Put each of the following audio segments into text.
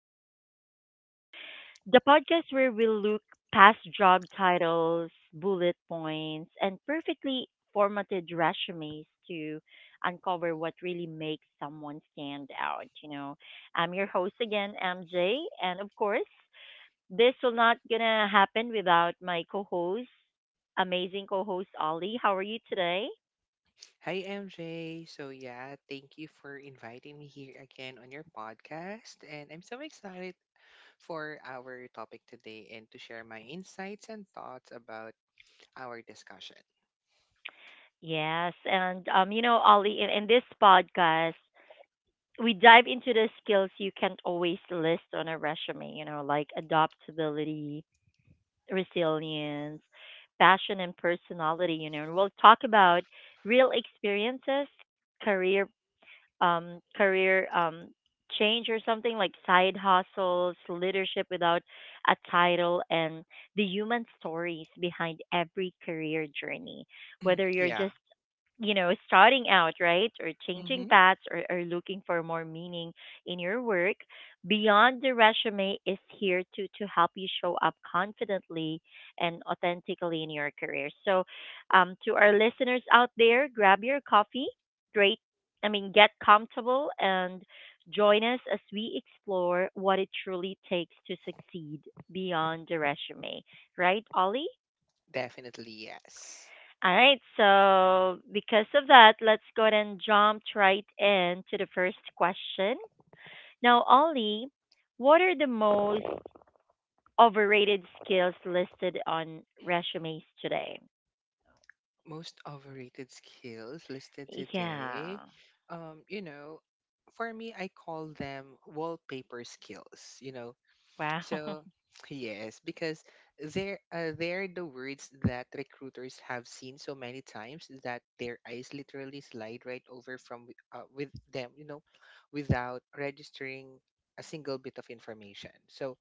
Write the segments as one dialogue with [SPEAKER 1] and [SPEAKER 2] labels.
[SPEAKER 1] podcast. And the podcast where we look past job titles, bullet points, and perfectly formatted resumes to uncover what really makes someone stand out. You know, I'm your host again, MJ, and of course, this will not gonna happen without my co-host, amazing co-host Ollie. How are you today?
[SPEAKER 2] Hi, MJ. So, yeah, thank you for inviting me here again on your podcast. And I'm so excited for our topic today and to share my insights and thoughts about our discussion.
[SPEAKER 1] Yes, and Ollie, in this podcast, we dive into the skills you can't always list on a resume, you know, like adaptability, resilience, passion, and personality, you know, and we'll talk about real experiences, career career change or something like side hustles, leadership without a title, and the human stories behind every career journey. Whether you're
[SPEAKER 2] Yeah.
[SPEAKER 1] just you know starting out right or changing
[SPEAKER 2] Mm-hmm.
[SPEAKER 1] paths or looking for more meaning in your work beyond the resume is here to help you show up confidently and authentically in your career, so to our listeners out there, grab your coffee, I mean, get comfortable and join us as we explore what it truly takes to succeed beyond the resume. Right, Ollie?
[SPEAKER 2] Definitely, yes.
[SPEAKER 1] All right, so because of that, let's go ahead and jump right into the first question. Now, Ollie, what are the most overrated skills listed on resumes today?
[SPEAKER 2] Most overrated skills listed today,
[SPEAKER 1] Yeah.
[SPEAKER 2] you know, for me, I call them wallpaper skills. You know,
[SPEAKER 1] Wow.
[SPEAKER 2] so yes, because they're the words that recruiters have seen so many times that their eyes literally slide right over with them, you know, without registering a single bit of information. So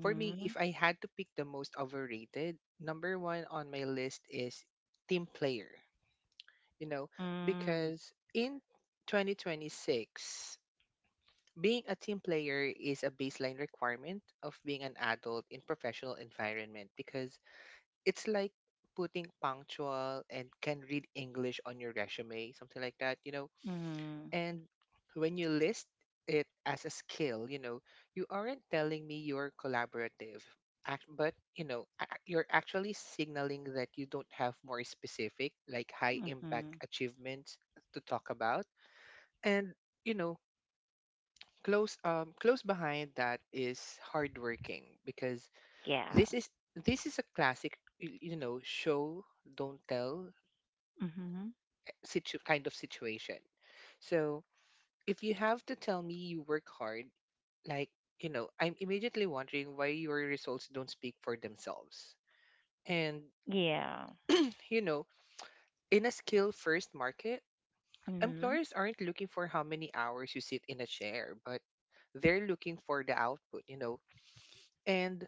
[SPEAKER 2] for me, if I had to pick the most overrated, number one on my list is team player. You know,
[SPEAKER 1] Mm-hmm.
[SPEAKER 2] because in 2026. Being a team player is a baseline requirement of being an adult in professional environment, because it's like putting punctual and can read English on your resume, something like that, you know. And when you list it as a skill, you know, you aren't telling me you're collaborative, act, but you're actually signaling that you don't have more specific, like high
[SPEAKER 1] Mm-hmm.
[SPEAKER 2] impact achievements to talk about. And you know, close behind that is hardworking, because
[SPEAKER 1] Yeah.
[SPEAKER 2] this is this is a classic you know show don't tell
[SPEAKER 1] Hmm.
[SPEAKER 2] kind of situation. So if you have to tell me you work hard, like, you know, I'm immediately wondering why your results don't speak for themselves. And
[SPEAKER 1] Yeah.
[SPEAKER 2] you know, in a skill first market,
[SPEAKER 1] Hmm.
[SPEAKER 2] employers aren't looking for how many hours you sit in a chair, but they're looking for the output, you know. And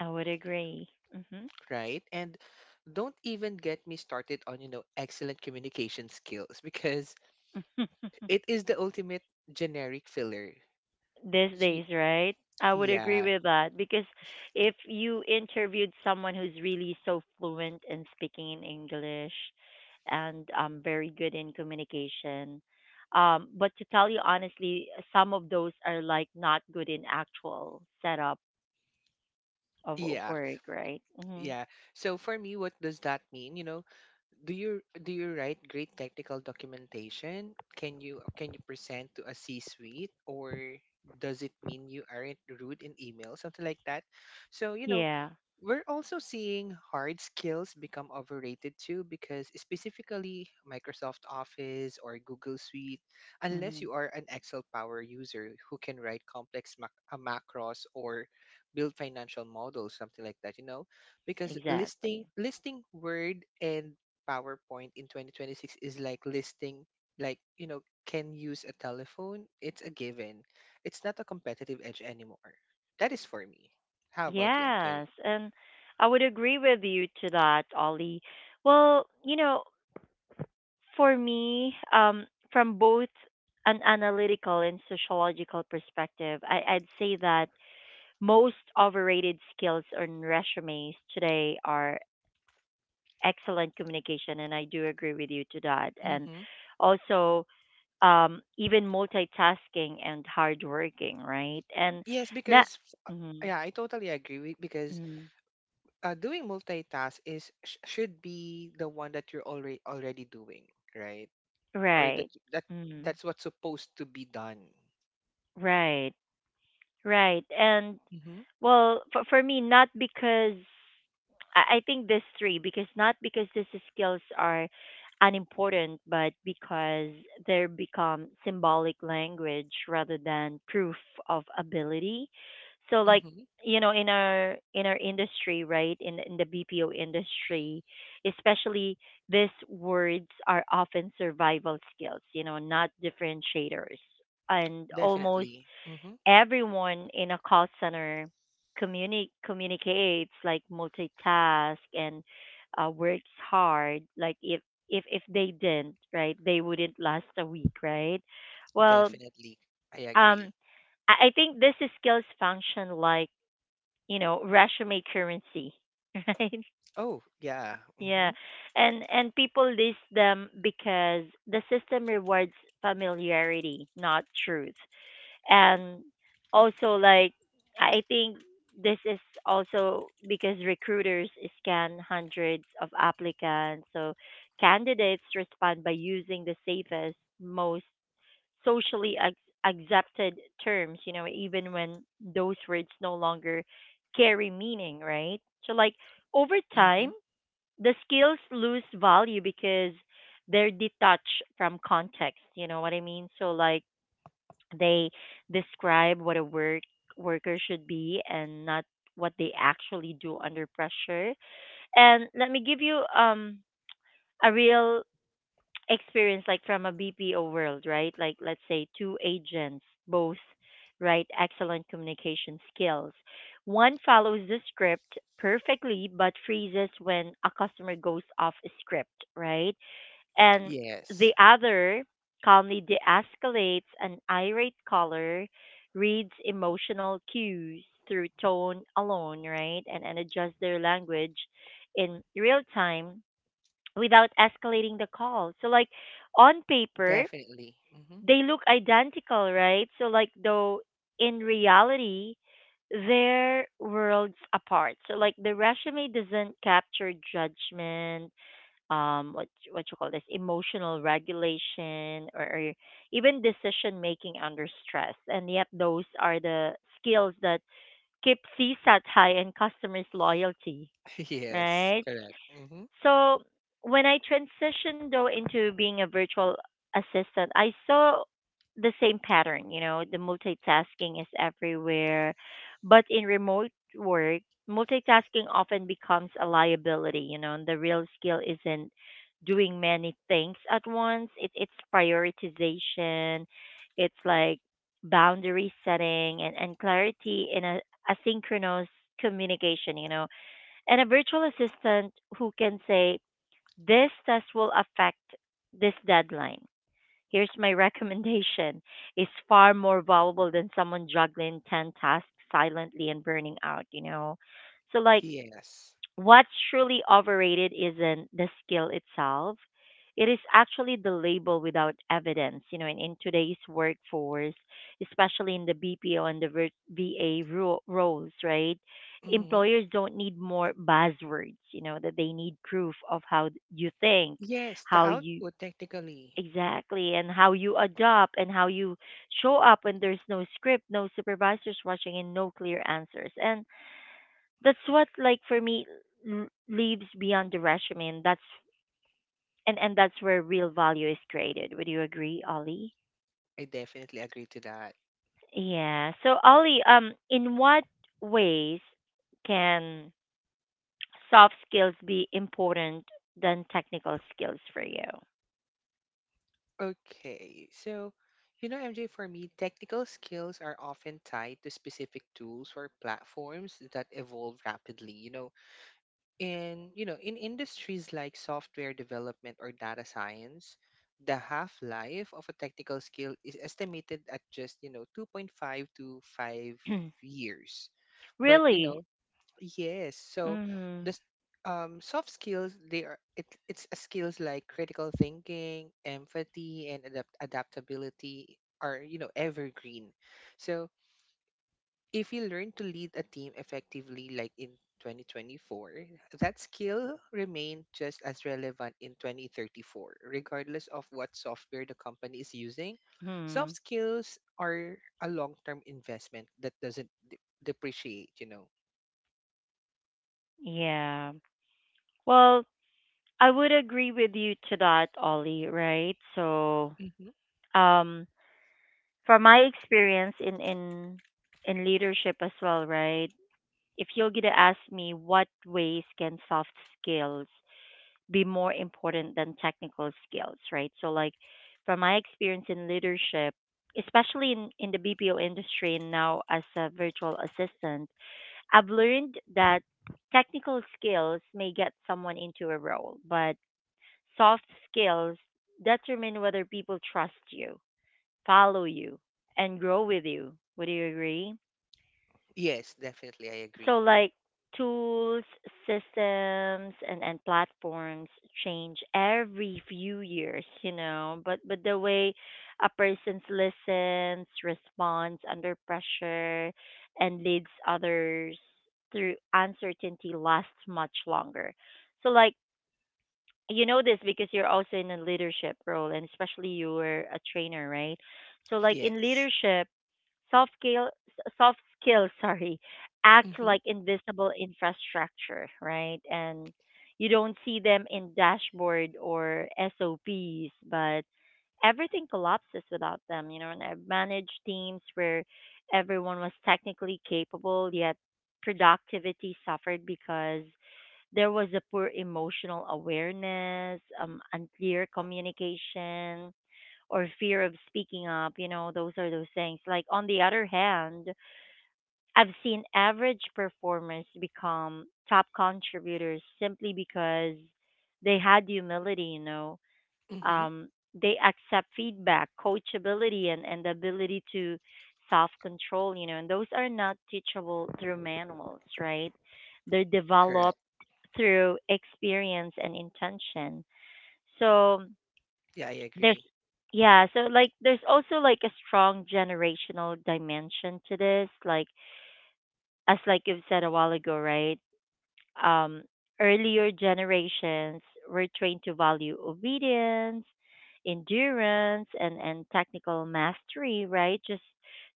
[SPEAKER 1] I would agree. Hmm.
[SPEAKER 2] right? And don't even get me started on, you know, excellent communication skills, because it is the ultimate generic filler.
[SPEAKER 1] These
[SPEAKER 2] See-
[SPEAKER 1] days, right? I would agree
[SPEAKER 2] yeah.
[SPEAKER 1] with that because if you interviewed someone who's really so fluent in speaking in English and very good in communication, but to tell you honestly, some of those are like not good in actual setup of
[SPEAKER 2] Yeah.
[SPEAKER 1] work, right? Hmm.
[SPEAKER 2] Yeah. So for me, what does that mean? You know, do you write great technical documentation? Can you present to a C-suite, or does it mean you aren't rude in email, something like that? So, you know,
[SPEAKER 1] Yeah.
[SPEAKER 2] we're also seeing hard skills become overrated too, because specifically Microsoft Office or Google Suite, unless
[SPEAKER 1] Hmm.
[SPEAKER 2] you are an Excel power user who can write complex macros or build financial models, something like that, you know. Because listing
[SPEAKER 1] Exactly.
[SPEAKER 2] listing Word and PowerPoint in 2026 is like listing, like, you know, can use a telephone. It's a given. It's not a competitive edge anymore. That is for me. How about you, MJ?
[SPEAKER 1] Yes, and I would agree with you to that, Ollie. Well, you know, for me, from both an analytical and sociological perspective, I'd say that most overrated skills on resumes today are excellent communication, and I do agree with you to that. And
[SPEAKER 2] Mm-hmm.
[SPEAKER 1] also, even multitasking and hardworking, right? And
[SPEAKER 2] Yes,
[SPEAKER 1] not,
[SPEAKER 2] because uh,
[SPEAKER 1] mm-hmm,
[SPEAKER 2] yeah, I totally agree with, because
[SPEAKER 1] mm-hmm,
[SPEAKER 2] doing multitask should be the one that you're already doing, right? Or that
[SPEAKER 1] right.
[SPEAKER 2] that
[SPEAKER 1] Mm-hmm.
[SPEAKER 2] that's what's supposed to be done.
[SPEAKER 1] Right, right. And
[SPEAKER 2] Mm-hmm.
[SPEAKER 1] well, for me, not because I think this three, because not because these skills are unimportant, but because they become symbolic language rather than proof of ability. So, like,
[SPEAKER 2] Mm-hmm.
[SPEAKER 1] you know, in our industry, right, in the BPO industry, especially, these words are often survival skills, you know, not differentiators. And almost
[SPEAKER 2] Definitely. Mm-hmm.
[SPEAKER 1] everyone in a call center communicates like multitask and works hard. Like if they didn't, right, they wouldn't last a week, right. Well,
[SPEAKER 2] Definitely. I
[SPEAKER 1] um
[SPEAKER 2] agree.
[SPEAKER 1] I think this is skills function like, you know, resume currency, right.
[SPEAKER 2] Oh, yeah.
[SPEAKER 1] Yeah,
[SPEAKER 2] Mm-hmm.
[SPEAKER 1] and people list them because the system rewards familiarity, not truth. And also, like, I think this is also because recruiters scan hundreds of applicants, so candidates respond by using the safest, most socially accepted terms, you know, even when those words no longer carry meaning, right. So like, over time
[SPEAKER 2] Mm-hmm.
[SPEAKER 1] the skills lose value because they're detached from context, you know what I mean. So like they describe what a worker should be and not what they actually do under pressure. And let me give you a real experience like from a BPO world, right? Like let's say two agents both right excellent communication skills. One follows the script perfectly but freezes when a customer goes off script, right? And
[SPEAKER 2] Yes.
[SPEAKER 1] the other calmly de-escalates an irate caller, reads emotional cues through tone alone, right, and adjusts their language in real time without escalating the call. So, like on paper,
[SPEAKER 2] Definitely. Mm-hmm.
[SPEAKER 1] they look identical, right? So, like though in reality, they're worlds apart. So, like, the resume doesn't capture judgment, what you call this, emotional regulation, or even decision making under stress. And yet those are the skills that keep CSAT high and customers loyalty,
[SPEAKER 2] Yes.
[SPEAKER 1] right.
[SPEAKER 2] Correct. Mm-hmm.
[SPEAKER 1] So when I transitioned though into being a virtual assistant, I saw the same pattern, you know, the multitasking is everywhere. But in remote work, multitasking often becomes a liability, you know, and the real skill isn't doing many things at once. It's prioritization, it's like boundary setting, and clarity in a asynchronous communication, you know. And a virtual assistant who can say, "This test will affect this deadline. Here's my recommendation," is far more valuable than someone juggling 10 tasks silently and burning out, you know. So like,
[SPEAKER 2] Yes.
[SPEAKER 1] what's truly overrated isn't the skill itself. It is actually the label without evidence. You know, in today's workforce, especially in the BPO and the VA roles, right?
[SPEAKER 2] Mm-hmm.
[SPEAKER 1] Employers don't need more buzzwords, you know, that they need proof of how you think,
[SPEAKER 2] Yes, the
[SPEAKER 1] how you
[SPEAKER 2] output technically.
[SPEAKER 1] exactly, and how you adopt and how you show up when there's no script, no supervisors watching, and no clear answers. And that's what, like, for me, leaves beyond the resume, and that's and that's where real value is created. Would you agree, Ollie?
[SPEAKER 2] I definitely agree to that.
[SPEAKER 1] Yeah, so Ollie, in what ways can soft skills be important than technical skills for you?
[SPEAKER 2] Okay. So, you know, MJ, for me, technical skills are often tied to specific tools or platforms that evolve rapidly. You know, in industries like software development or data science, the half life of a technical skill is estimated at just, you know, 2.5 to 5 years. But you
[SPEAKER 1] really?
[SPEAKER 2] know, yes, so
[SPEAKER 1] Mm-hmm.
[SPEAKER 2] the s- soft skills, they are it, it's a skills like critical thinking, empathy, and adaptability are, you know, evergreen. So if you learn to lead a team effectively, like in 2024, that skill remained just as relevant in 2034, regardless of what software the company is using.
[SPEAKER 1] Hmm.
[SPEAKER 2] Soft skills are a long term investment that doesn't depreciate, you know.
[SPEAKER 1] Yeah. Well, I would agree with you to that, Ollie, right. So
[SPEAKER 2] Hmm.
[SPEAKER 1] um from my experience in in leadership as well, right? If you're gonna ask me what ways can soft skills be more important than technical skills, right? So like from my experience in leadership, especially in the BPO industry and now as a virtual assistant, I've learned that technical skills may get someone into a role, but soft skills determine whether people trust you, follow you, and grow with you. Would you agree?
[SPEAKER 2] Yes, definitely. I
[SPEAKER 1] So,
[SPEAKER 2] agree.
[SPEAKER 1] like, tools, systems, and platforms change every few years, you know, but the way a person listens, responds under pressure, and leads others through uncertainty lasts much longer. So, like, you know this because you're also in a leadership role, and especially you're a trainer, right? So, like, in
[SPEAKER 2] Yes.
[SPEAKER 1] leadership, Soft skill, soft skills sorry, act
[SPEAKER 2] Mm-hmm.
[SPEAKER 1] like invisible infrastructure, right? And you don't see them in dashboard or SOPs, but everything collapses without them, you know. And I've managed teams where everyone was technically capable, yet productivity suffered because there was a poor emotional awareness, unclear communication, or fear of speaking up. You know, those are those things. Like, on the other hand, I've seen average performers become top contributors simply because they had humility, you know.
[SPEAKER 2] Mm-hmm.
[SPEAKER 1] Um, they accept feedback, coachability, and the ability to self control, you know, and those are not teachable through manuals, right? They're
[SPEAKER 2] Correct.
[SPEAKER 1] developed through experience and intention. So,
[SPEAKER 2] Yeah, I
[SPEAKER 1] there's,
[SPEAKER 2] agree.
[SPEAKER 1] yeah, so like there's also like a strong generational dimension to this, like as like you've said a while ago, right. um earlier generations were trained to value obedience, endurance, and technical mastery, right,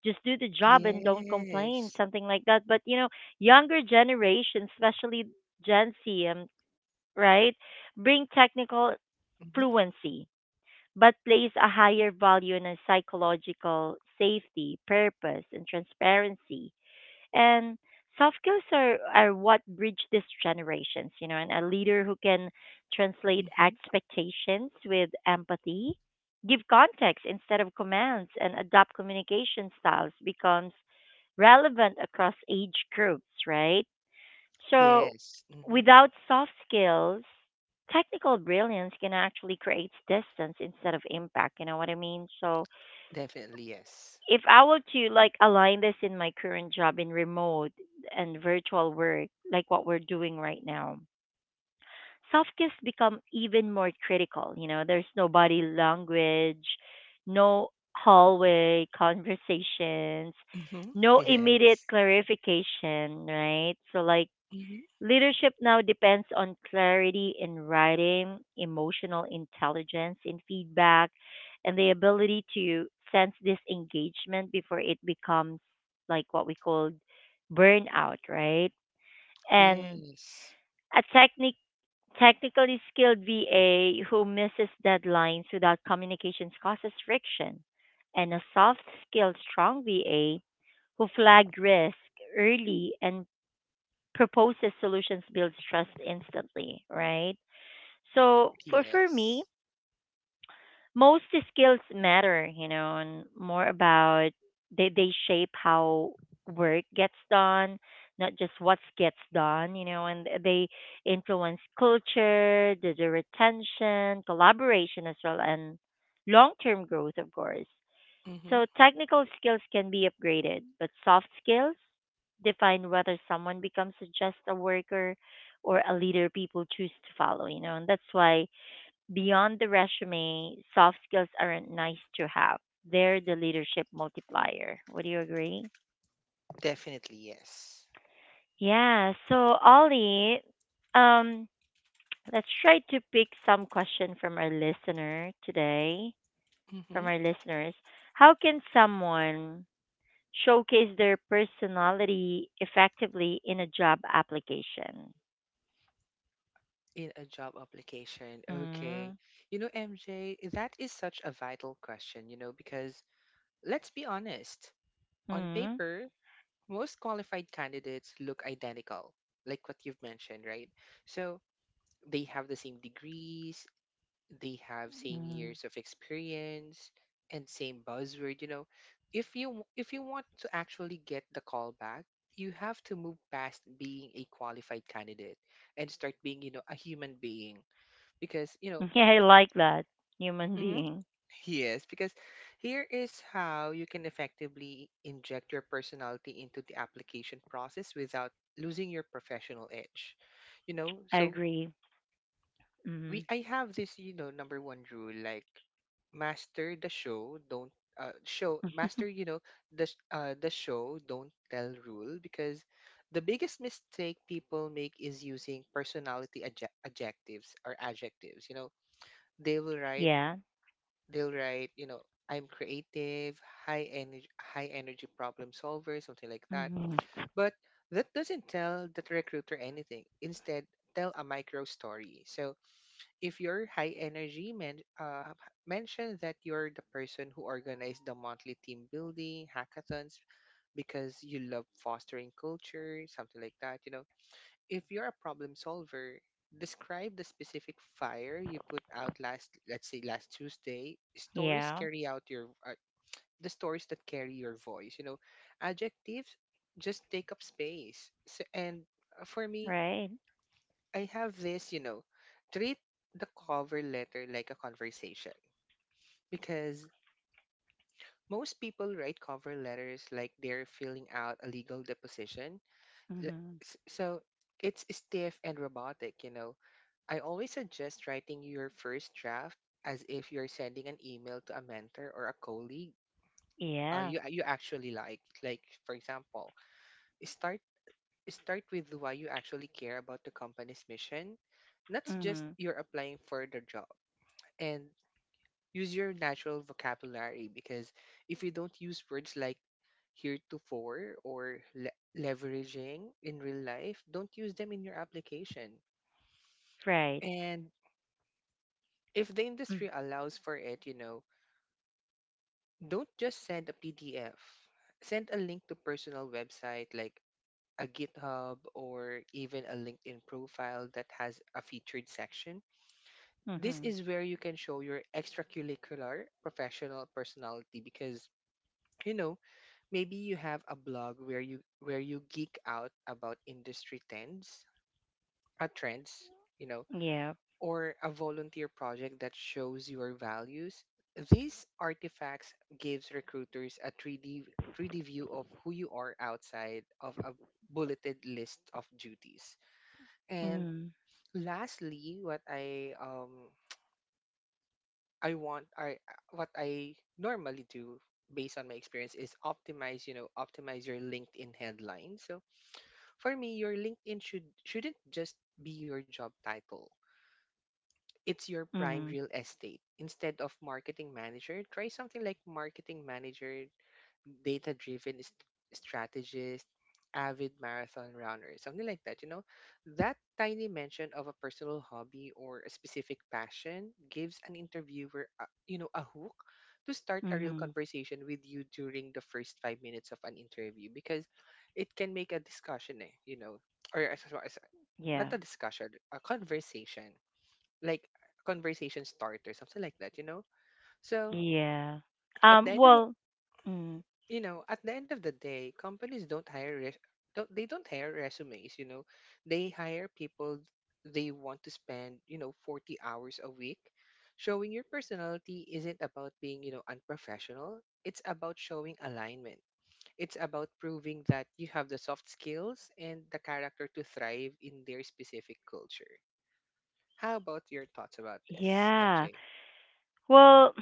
[SPEAKER 1] just do the job and don't complain,
[SPEAKER 2] Yes.
[SPEAKER 1] something like that. But you know, younger generations, especially gen z, right, bring technical
[SPEAKER 2] Mm-hmm.
[SPEAKER 1] fluency but place a higher value on a psychological safety, purpose, and transparency. And soft skills are what bridge these generations, you know, and a leader who can translate
[SPEAKER 2] Mm-hmm.
[SPEAKER 1] expectations with empathy, give context instead of commands, and adopt communication styles becomes relevant across age groups, right? So,
[SPEAKER 2] Yes. Mm-hmm.
[SPEAKER 1] without soft skills, technical brilliance can actually create distance instead of impact. You know what I mean? So,
[SPEAKER 2] Definitely yes.
[SPEAKER 1] if I were to like align this in my current job in remote and virtual work, like what we're doing right now, soft skills become even more critical. You know, there's no body language, no hallway conversations,
[SPEAKER 2] Mm-hmm.
[SPEAKER 1] no immediate
[SPEAKER 2] Yes.
[SPEAKER 1] clarification, right? So, like,
[SPEAKER 2] Hmm.
[SPEAKER 1] leadership now depends on clarity in writing, emotional intelligence in feedback, and the ability to sense this engagement before it becomes like what we call burnout, right? And
[SPEAKER 2] Yes.
[SPEAKER 1] a technically skilled VA who misses deadlines without communications causes friction, and a soft skilled strong VA who flag risk early and proposes solutions builds trust instantly, right? So for me,
[SPEAKER 2] Yes.
[SPEAKER 1] most skills matter, you know, and more about, they shape how work gets done, not just what gets done, you know, and they influence culture, the retention, collaboration as well, and long term growth, of course.
[SPEAKER 2] Hmm.
[SPEAKER 1] So technical skills can be upgraded, but soft skills define whether someone becomes just a worker or a leader people choose to follow, you know. And that's why beyond the resume, soft skills aren't nice to have. They're the leadership multiplier. Would you agree?
[SPEAKER 2] Definitely yes.
[SPEAKER 1] Yeah, so Ollie, um, let's try to pick some question from our listener today, from
[SPEAKER 2] Hmm.
[SPEAKER 1] our listeners. How can someone showcase their personality effectively in a job application?
[SPEAKER 2] In a job application. Okay.
[SPEAKER 1] Mm,
[SPEAKER 2] You know, MJ, that is such a vital question, you know, because let's be honest, on
[SPEAKER 1] mm,
[SPEAKER 2] paper, most qualified candidates look identical, like what you've mentioned, right? So they have the same degrees, they have same
[SPEAKER 1] mm.
[SPEAKER 2] years of experience and same buzzword. You know, if you want to actually get the call back, you have to move past being a qualified candidate and start being, you know, a human being. Because you know.
[SPEAKER 1] Yeah, I like that. Human
[SPEAKER 2] Mhm.
[SPEAKER 1] being.
[SPEAKER 2] Yes, because here is how you can effectively inject your personality into the application process without losing your professional edge, you know.
[SPEAKER 1] I
[SPEAKER 2] So
[SPEAKER 1] agree.
[SPEAKER 2] we
[SPEAKER 1] Mm,
[SPEAKER 2] I have this, you know, number one rule, like, master the show, don't show master, you know, the show, don't tell rule, because the biggest mistake people make is using personality adjectives or adjectives, you know. They will write
[SPEAKER 1] yeah.
[SPEAKER 2] they'll write, you know, I'm creative, high energy problem solver, something like that.
[SPEAKER 1] Hmm.
[SPEAKER 2] But that doesn't tell the recruiter anything. Instead, tell a micro story. So if you're high energy, mention that you're the person who organized the monthly team building hackathons, because you love fostering culture, something like that. You know, if you're a problem solver, describe the specific fire you put out last, let's say last Tuesday. Stories
[SPEAKER 1] Yeah.
[SPEAKER 2] carry out your the stories that carry your voice. You know, adjectives just take up space. So, and for me,
[SPEAKER 1] Right.
[SPEAKER 2] I have this, you know, treat the cover letter like a conversation, because most people write cover letters like they're filling out a legal deposition. L-
[SPEAKER 1] Hmm.
[SPEAKER 2] So it's stiff and robotic, you know. I always suggest writing your first draft as if you're sending an email to a mentor or a colleague
[SPEAKER 1] Yeah.
[SPEAKER 2] you you actually like. Like for example, start start with why you actually care about the company's mission, not just
[SPEAKER 1] Hmm.
[SPEAKER 2] you're applying for the job. And use your natural vocabulary, because if you don't use words like heretofore or leveraging in real life, don't use them in your application.
[SPEAKER 1] Right.
[SPEAKER 2] And if the industry allows for it, you know, don't just send a PDF. Send a link to personal website like a GitHub or even a LinkedIn profile that has a featured section. This
[SPEAKER 1] Mm-hmm.
[SPEAKER 2] is where you can show your extracurricular professional personality, because you know, maybe you have a blog where you geek out about industry trends, you know,
[SPEAKER 1] Yeah.
[SPEAKER 2] or a volunteer project that shows your values. These artifacts gives recruiters a 3D view of who you are outside of a bulleted list of duties. And
[SPEAKER 1] Mm-hmm.
[SPEAKER 2] lastly, what I want I what I normally do based on my experience is optimize your LinkedIn headline. So, for me, your LinkedIn shouldn't just be your job title. It's your prime
[SPEAKER 1] Mm-hmm.
[SPEAKER 2] real estate. Instead of marketing manager, try something like marketing manager, data driven strategist, avid marathon runner, something like that. You know, that tiny mention of a personal hobby or a specific passion gives an interviewer, a, you know, a hook to start a real
[SPEAKER 1] Mm-hmm.
[SPEAKER 2] conversation with you during the first 5 minutes of an interview, because it can make a discussion, eh, you know, or as- not a
[SPEAKER 1] Yeah.
[SPEAKER 2] discussion, a conversation, like a conversation starter, something like that, you know. So
[SPEAKER 1] Yeah.
[SPEAKER 2] at the end of
[SPEAKER 1] Well, mm,
[SPEAKER 2] you know at the end of the day companies don't hire don't hire resumes, you know, they hire people they want to spend, you know, 40 hours a week. Showing your personality isn't about being, you know, unprofessional, it's about showing alignment. It's about proving that you have the soft skills and the character to thrive in their specific culture. How about your thoughts about this,
[SPEAKER 1] yeah.
[SPEAKER 2] MJ?
[SPEAKER 1] Well,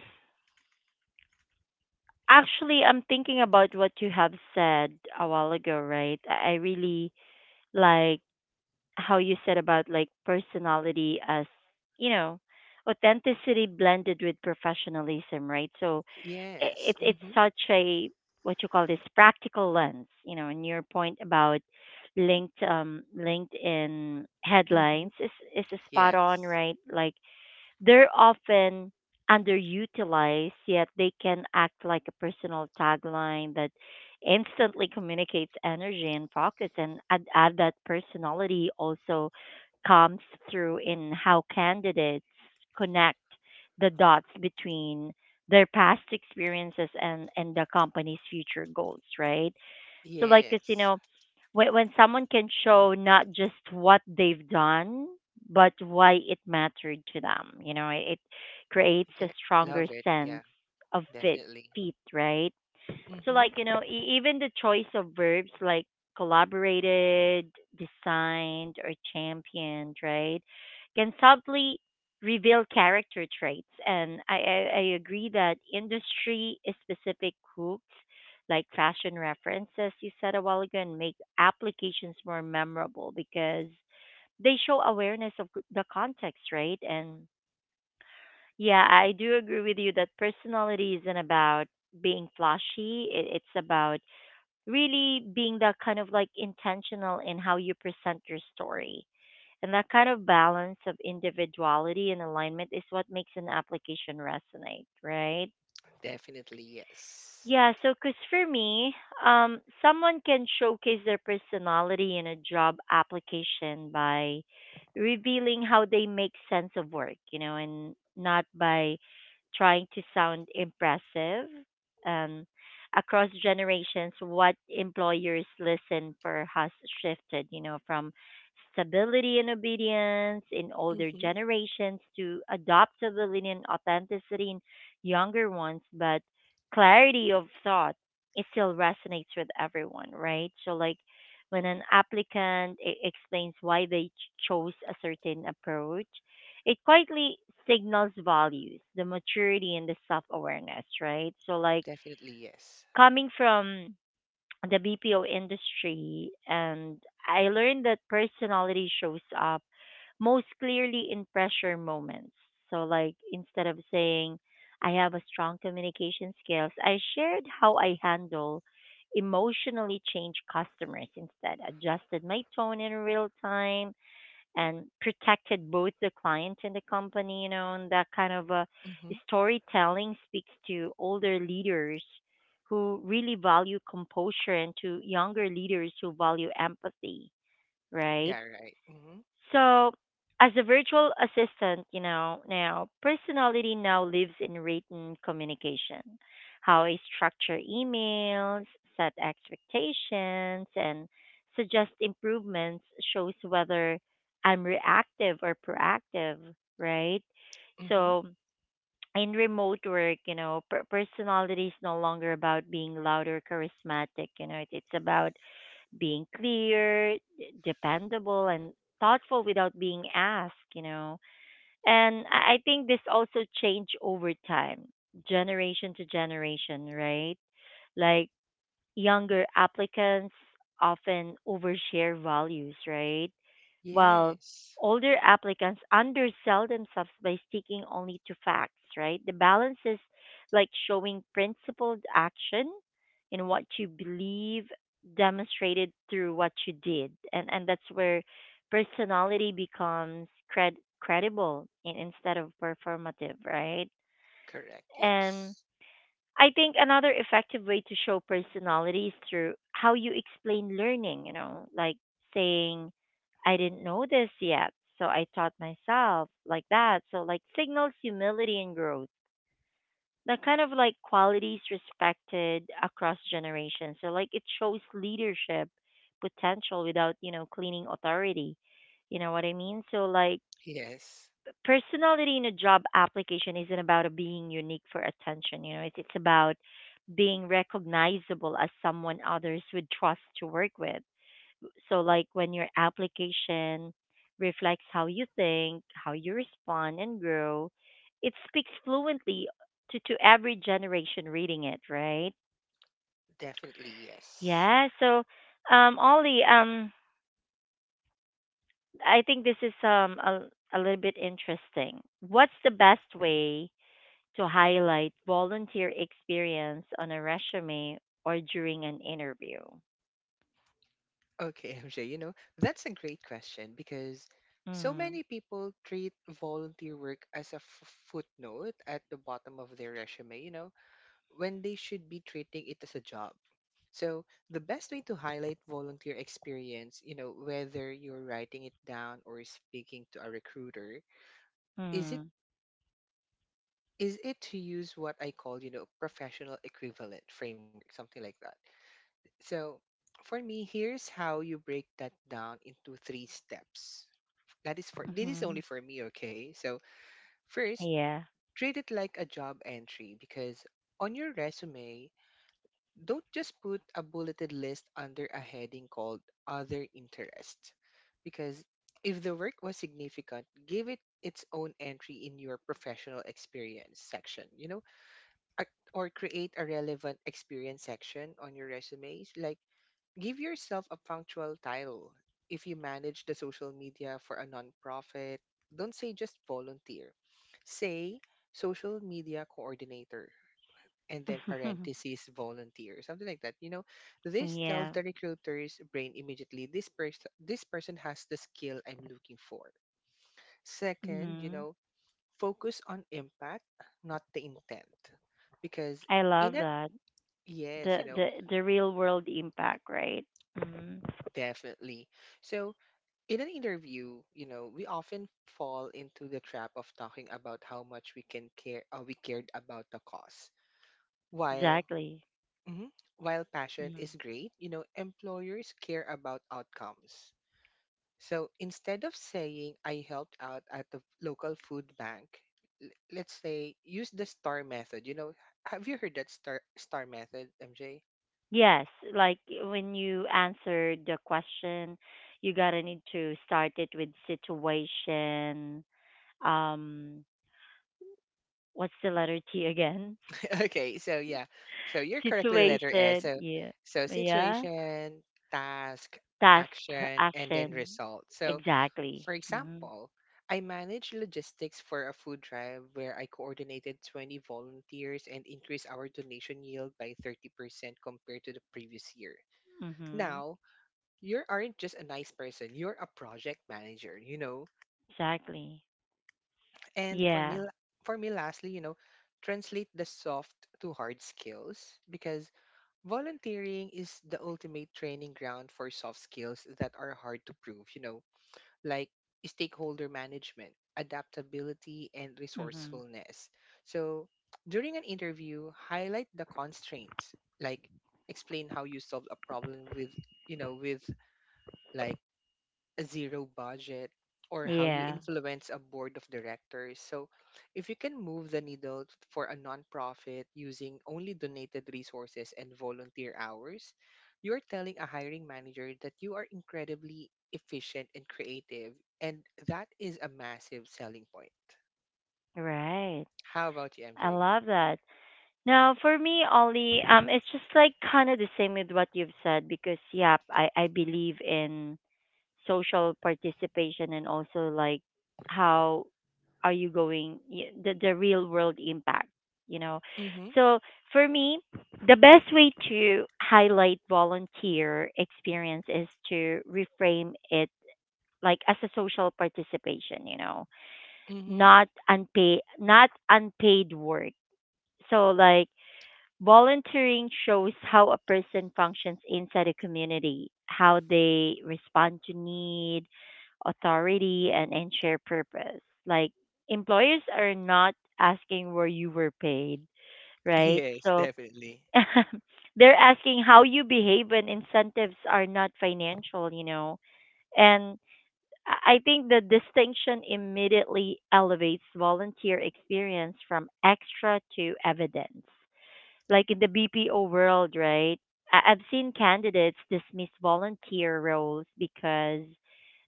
[SPEAKER 1] actually, I'm thinking about what you have said a while ago, right? I really like how you said about like personality as, you know, authenticity blended with professionalism, right? So
[SPEAKER 2] Yes.
[SPEAKER 1] it's
[SPEAKER 2] Hmm.
[SPEAKER 1] such a what you call this practical lens, you know, and your point about LinkedIn headlines
[SPEAKER 2] Hmm.
[SPEAKER 1] is spot on,
[SPEAKER 2] Yes.
[SPEAKER 1] right? Like they're often underutilized, yet they can act like a personal tagline that instantly communicates energy and focus and add that personality also comes through in how candidates connect the dots between their past experiences and the company's future goals, right? So like, cause you
[SPEAKER 2] Yes.
[SPEAKER 1] know, when someone can show not just what they've done, but why it mattered to them, you know, it creates a
[SPEAKER 2] Yeah,
[SPEAKER 1] stronger
[SPEAKER 2] love it.
[SPEAKER 1] sense
[SPEAKER 2] Yeah,
[SPEAKER 1] of fit,
[SPEAKER 2] definitely.
[SPEAKER 1] fit, right? So
[SPEAKER 2] Mm-hmm.
[SPEAKER 1] like you know, even the choice of verbs like collaborated, designed, or championed, right, can subtly reveal character traits. And I agree that industry specific hooks like fashion references you said a while ago and make applications more memorable because they show awareness of the context, right? And yeah, I do agree with you that personality isn't about being flashy. It's about really being that kind of like intentional in how you present your story. And that kind of balance of individuality and alignment is what makes an application resonate, right?
[SPEAKER 2] Definitely yes.
[SPEAKER 1] Yeah, so because for me, someone can showcase their personality in a job application by revealing how they make sense of work, you know, and not by trying to sound impressive. Um, Across generations, what employers listen for has shifted, you know, from stability and obedience in older
[SPEAKER 2] Mm-hmm.
[SPEAKER 1] generations to adaptability and authenticity in younger ones, but clarity of thought, it still resonates with everyone, right? So, like when an applicant explains why they chose a certain approach, it quietly signals values, the maturity, and the self awareness, right? So, like
[SPEAKER 2] Definitely yes.
[SPEAKER 1] coming from the BPO industry, and I learned that personality shows up most clearly in pressure moments. So, like, instead of saying, I have a strong communication skills, I shared how I handle emotionally changed customers instead, adjusted my tone in real time, and protected both the client and the company, you know, and that kind of
[SPEAKER 2] Mm-hmm.
[SPEAKER 1] storytelling speaks to older leaders who really value composure and to younger leaders who value empathy, right?
[SPEAKER 2] Yeah, right. Mm-hmm.
[SPEAKER 1] So, as a virtual assistant, you know, now personality now lives in written communication. How I structure emails, set expectations, and suggest improvements shows whether I'm reactive or proactive, right?
[SPEAKER 2] Mm-hmm.
[SPEAKER 1] So, in remote work, you know, personality is no longer about being loud or charismatic. You know, it's about being clear, dependable, and thoughtful without being asked, you know. And I think this also changed over time, generation to generation, right? Like younger applicants often overshare values, right? Well,
[SPEAKER 2] Yes.
[SPEAKER 1] older applicants undersell themselves by sticking only to facts, right? The balance is like showing principled action in what you believe demonstrated through what you did. And that's where personality becomes credible in, instead of performative, right?
[SPEAKER 2] Correct.
[SPEAKER 1] And
[SPEAKER 2] Yes.
[SPEAKER 1] I think another effective way to show personality is through how you explain learning, you know, like saying, I didn't know this yet, so I taught myself, like that. So, like, signals humility and growth. That kind of like qualities respected across generations. So, like, it shows leadership potential without, you know, cleaning authority. You know what I mean? So, like,
[SPEAKER 2] Yes.
[SPEAKER 1] personality in a job application isn't about being unique for attention. You know, it's about being recognizable as someone others would trust to work with. So like when your application reflects how you think, how you respond and grow, it speaks fluently to every generation reading it, right?
[SPEAKER 2] Definitely yes.
[SPEAKER 1] Yeah. So Ollie, I think this is a little bit interesting. What's the best way to highlight volunteer experience on a resume or during an interview.
[SPEAKER 2] Okay, MJ, you know, that's a great question, because so
[SPEAKER 1] Mm.
[SPEAKER 2] many people treat volunteer work as a footnote at the bottom of their resume, you know, when they should be treating it as a job. So the best way to highlight volunteer experience, you know, whether you're writing it down or speaking to a recruiter, is it
[SPEAKER 1] Mm.
[SPEAKER 2] is it to use what I call, you know, professional equivalent framework, something like that. So for me, here's how you break that down into three steps. That is for this is
[SPEAKER 1] Mm-hmm.
[SPEAKER 2] only for me, okay? So first,
[SPEAKER 1] Yeah.
[SPEAKER 2] treat it like a job entry, because on your resume, don't just put a bulleted list under a heading called Other Interests, because if the work was significant, give it its own entry in your professional experience section, you know, or create a relevant experience section on your resumes. Like, give yourself a punctual title. If you manage the social media for a nonprofit, don't say just volunteer, say social media coordinator and then parentheses volunteer, something like that. You know, this tells
[SPEAKER 1] yeah.
[SPEAKER 2] the recruiter's brain immediately, this person has the skill I'm looking for. Second, you
[SPEAKER 1] Mm-hmm.
[SPEAKER 2] know, focus on impact, not the intent. Because
[SPEAKER 1] I
[SPEAKER 2] in
[SPEAKER 1] love
[SPEAKER 2] a
[SPEAKER 1] that.
[SPEAKER 2] yes,
[SPEAKER 1] The
[SPEAKER 2] you know,
[SPEAKER 1] the real world impact, right? Mm.
[SPEAKER 2] definitely. So in an interview, you know, we often fall into the trap of talking about how much we cared about the cause. While
[SPEAKER 1] Exactly.
[SPEAKER 2] Mhm. While passion
[SPEAKER 1] Mm.
[SPEAKER 2] is great, you know, employers care about outcomes. So instead of saying I helped out at the local food bank, let's say use the star method. You know, have you heard that star method, MJ?
[SPEAKER 1] Yes, like when you answer the question, you gotta need to start it with situation. Um, what's the letter T again?
[SPEAKER 2] Okay, so yeah. So you're correct with the letter S.
[SPEAKER 1] Situation,
[SPEAKER 2] So
[SPEAKER 1] yeah, yeah.
[SPEAKER 2] situation, task,
[SPEAKER 1] Task,
[SPEAKER 2] action, and then
[SPEAKER 1] action,
[SPEAKER 2] result. So,
[SPEAKER 1] exactly.
[SPEAKER 2] for
[SPEAKER 1] Mhm,
[SPEAKER 2] example, I managed logistics for a food drive where I coordinated 20 volunteers and increased our donation yield by 30% compared to the previous year.
[SPEAKER 1] mhm,
[SPEAKER 2] Now, you aren't just a nice person, you're a project manager, you know?
[SPEAKER 1] exactly.
[SPEAKER 2] And for me,
[SPEAKER 1] Yeah,
[SPEAKER 2] for me lastly, you know, translate the soft to hard skills because volunteering is the ultimate training ground for soft skills that are hard to prove, you know? Like stakeholder management, adaptability, and
[SPEAKER 1] mhm,
[SPEAKER 2] resourcefulness. So, during an interview, highlight the constraints, like explain how you solved a problem with like a zero budget or how you
[SPEAKER 1] yeah.
[SPEAKER 2] influence a board of directors. So, if you can move the needle for a nonprofit using only donated resources and volunteer hours, you're telling a hiring manager that you are incredibly efficient and creative. And that is a massive selling point.
[SPEAKER 1] Right.
[SPEAKER 2] How about you,
[SPEAKER 1] I
[SPEAKER 2] MJ?
[SPEAKER 1] love that. Now, for me, Ollie, it's just like kind of the same with what you've said because, yeah, I believe in social participation and also like how are you going the the real world impact, you know,
[SPEAKER 2] Mm-hmm.
[SPEAKER 1] so for me the best way to highlight volunteer experience is to reframe it like as a social participation, you know,
[SPEAKER 2] Mm-hmm.
[SPEAKER 1] not unpaid work. So like volunteering shows how a person functions inside a community, how they respond to need, authority, and share purpose. Like employers are not asking where you were paid, right?
[SPEAKER 2] Yes,
[SPEAKER 1] So
[SPEAKER 2] definitely.
[SPEAKER 1] they're asking how you behave when incentives are not financial, you know. And I think the distinction immediately elevates volunteer experience from extra to evidence. Like in the BPO world, right? I've seen candidates dismiss volunteer roles because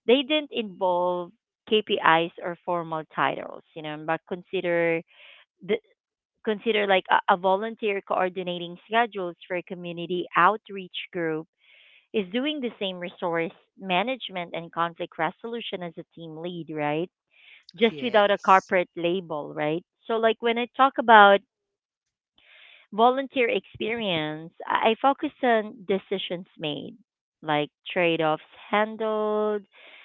[SPEAKER 1] they didn't involve KPIs or formal titles, you know, but the consider like a volunteer coordinating schedules for a community outreach group is doing the same resource management and conflict resolution as a team lead, right? Just without a
[SPEAKER 2] Yes.
[SPEAKER 1] corporate label, right? So like when I talk about volunteer experience, I focus on decisions made, like trade offs handled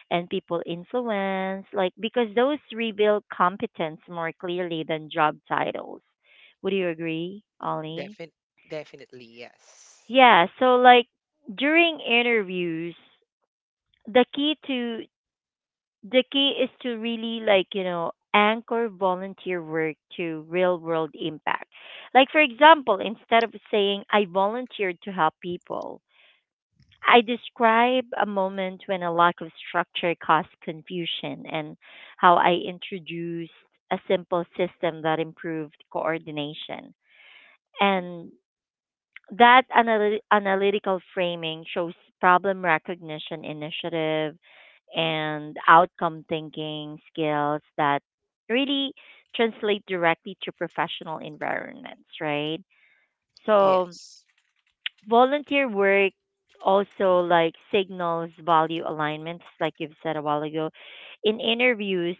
[SPEAKER 1] and people influence, like because those reveal competence more clearly than job titles. Would you agree, Ollie?
[SPEAKER 2] Defin- Definitely, yes.
[SPEAKER 1] Yeah, so like during interviews, the key to the key is to really like you know anchor volunteer work to real world impact, like for example instead of saying I volunteered to help people, I describe a moment when a lack of structure caused confusion and how I introduced a simple system that improved coordination, and that analytical framing shows problem recognition, initiative, and outcome thinking skills that really translate directly to professional environments, right? So,
[SPEAKER 2] Yes.
[SPEAKER 1] volunteer work also like signals value alignments like you've said a while ago. In interviews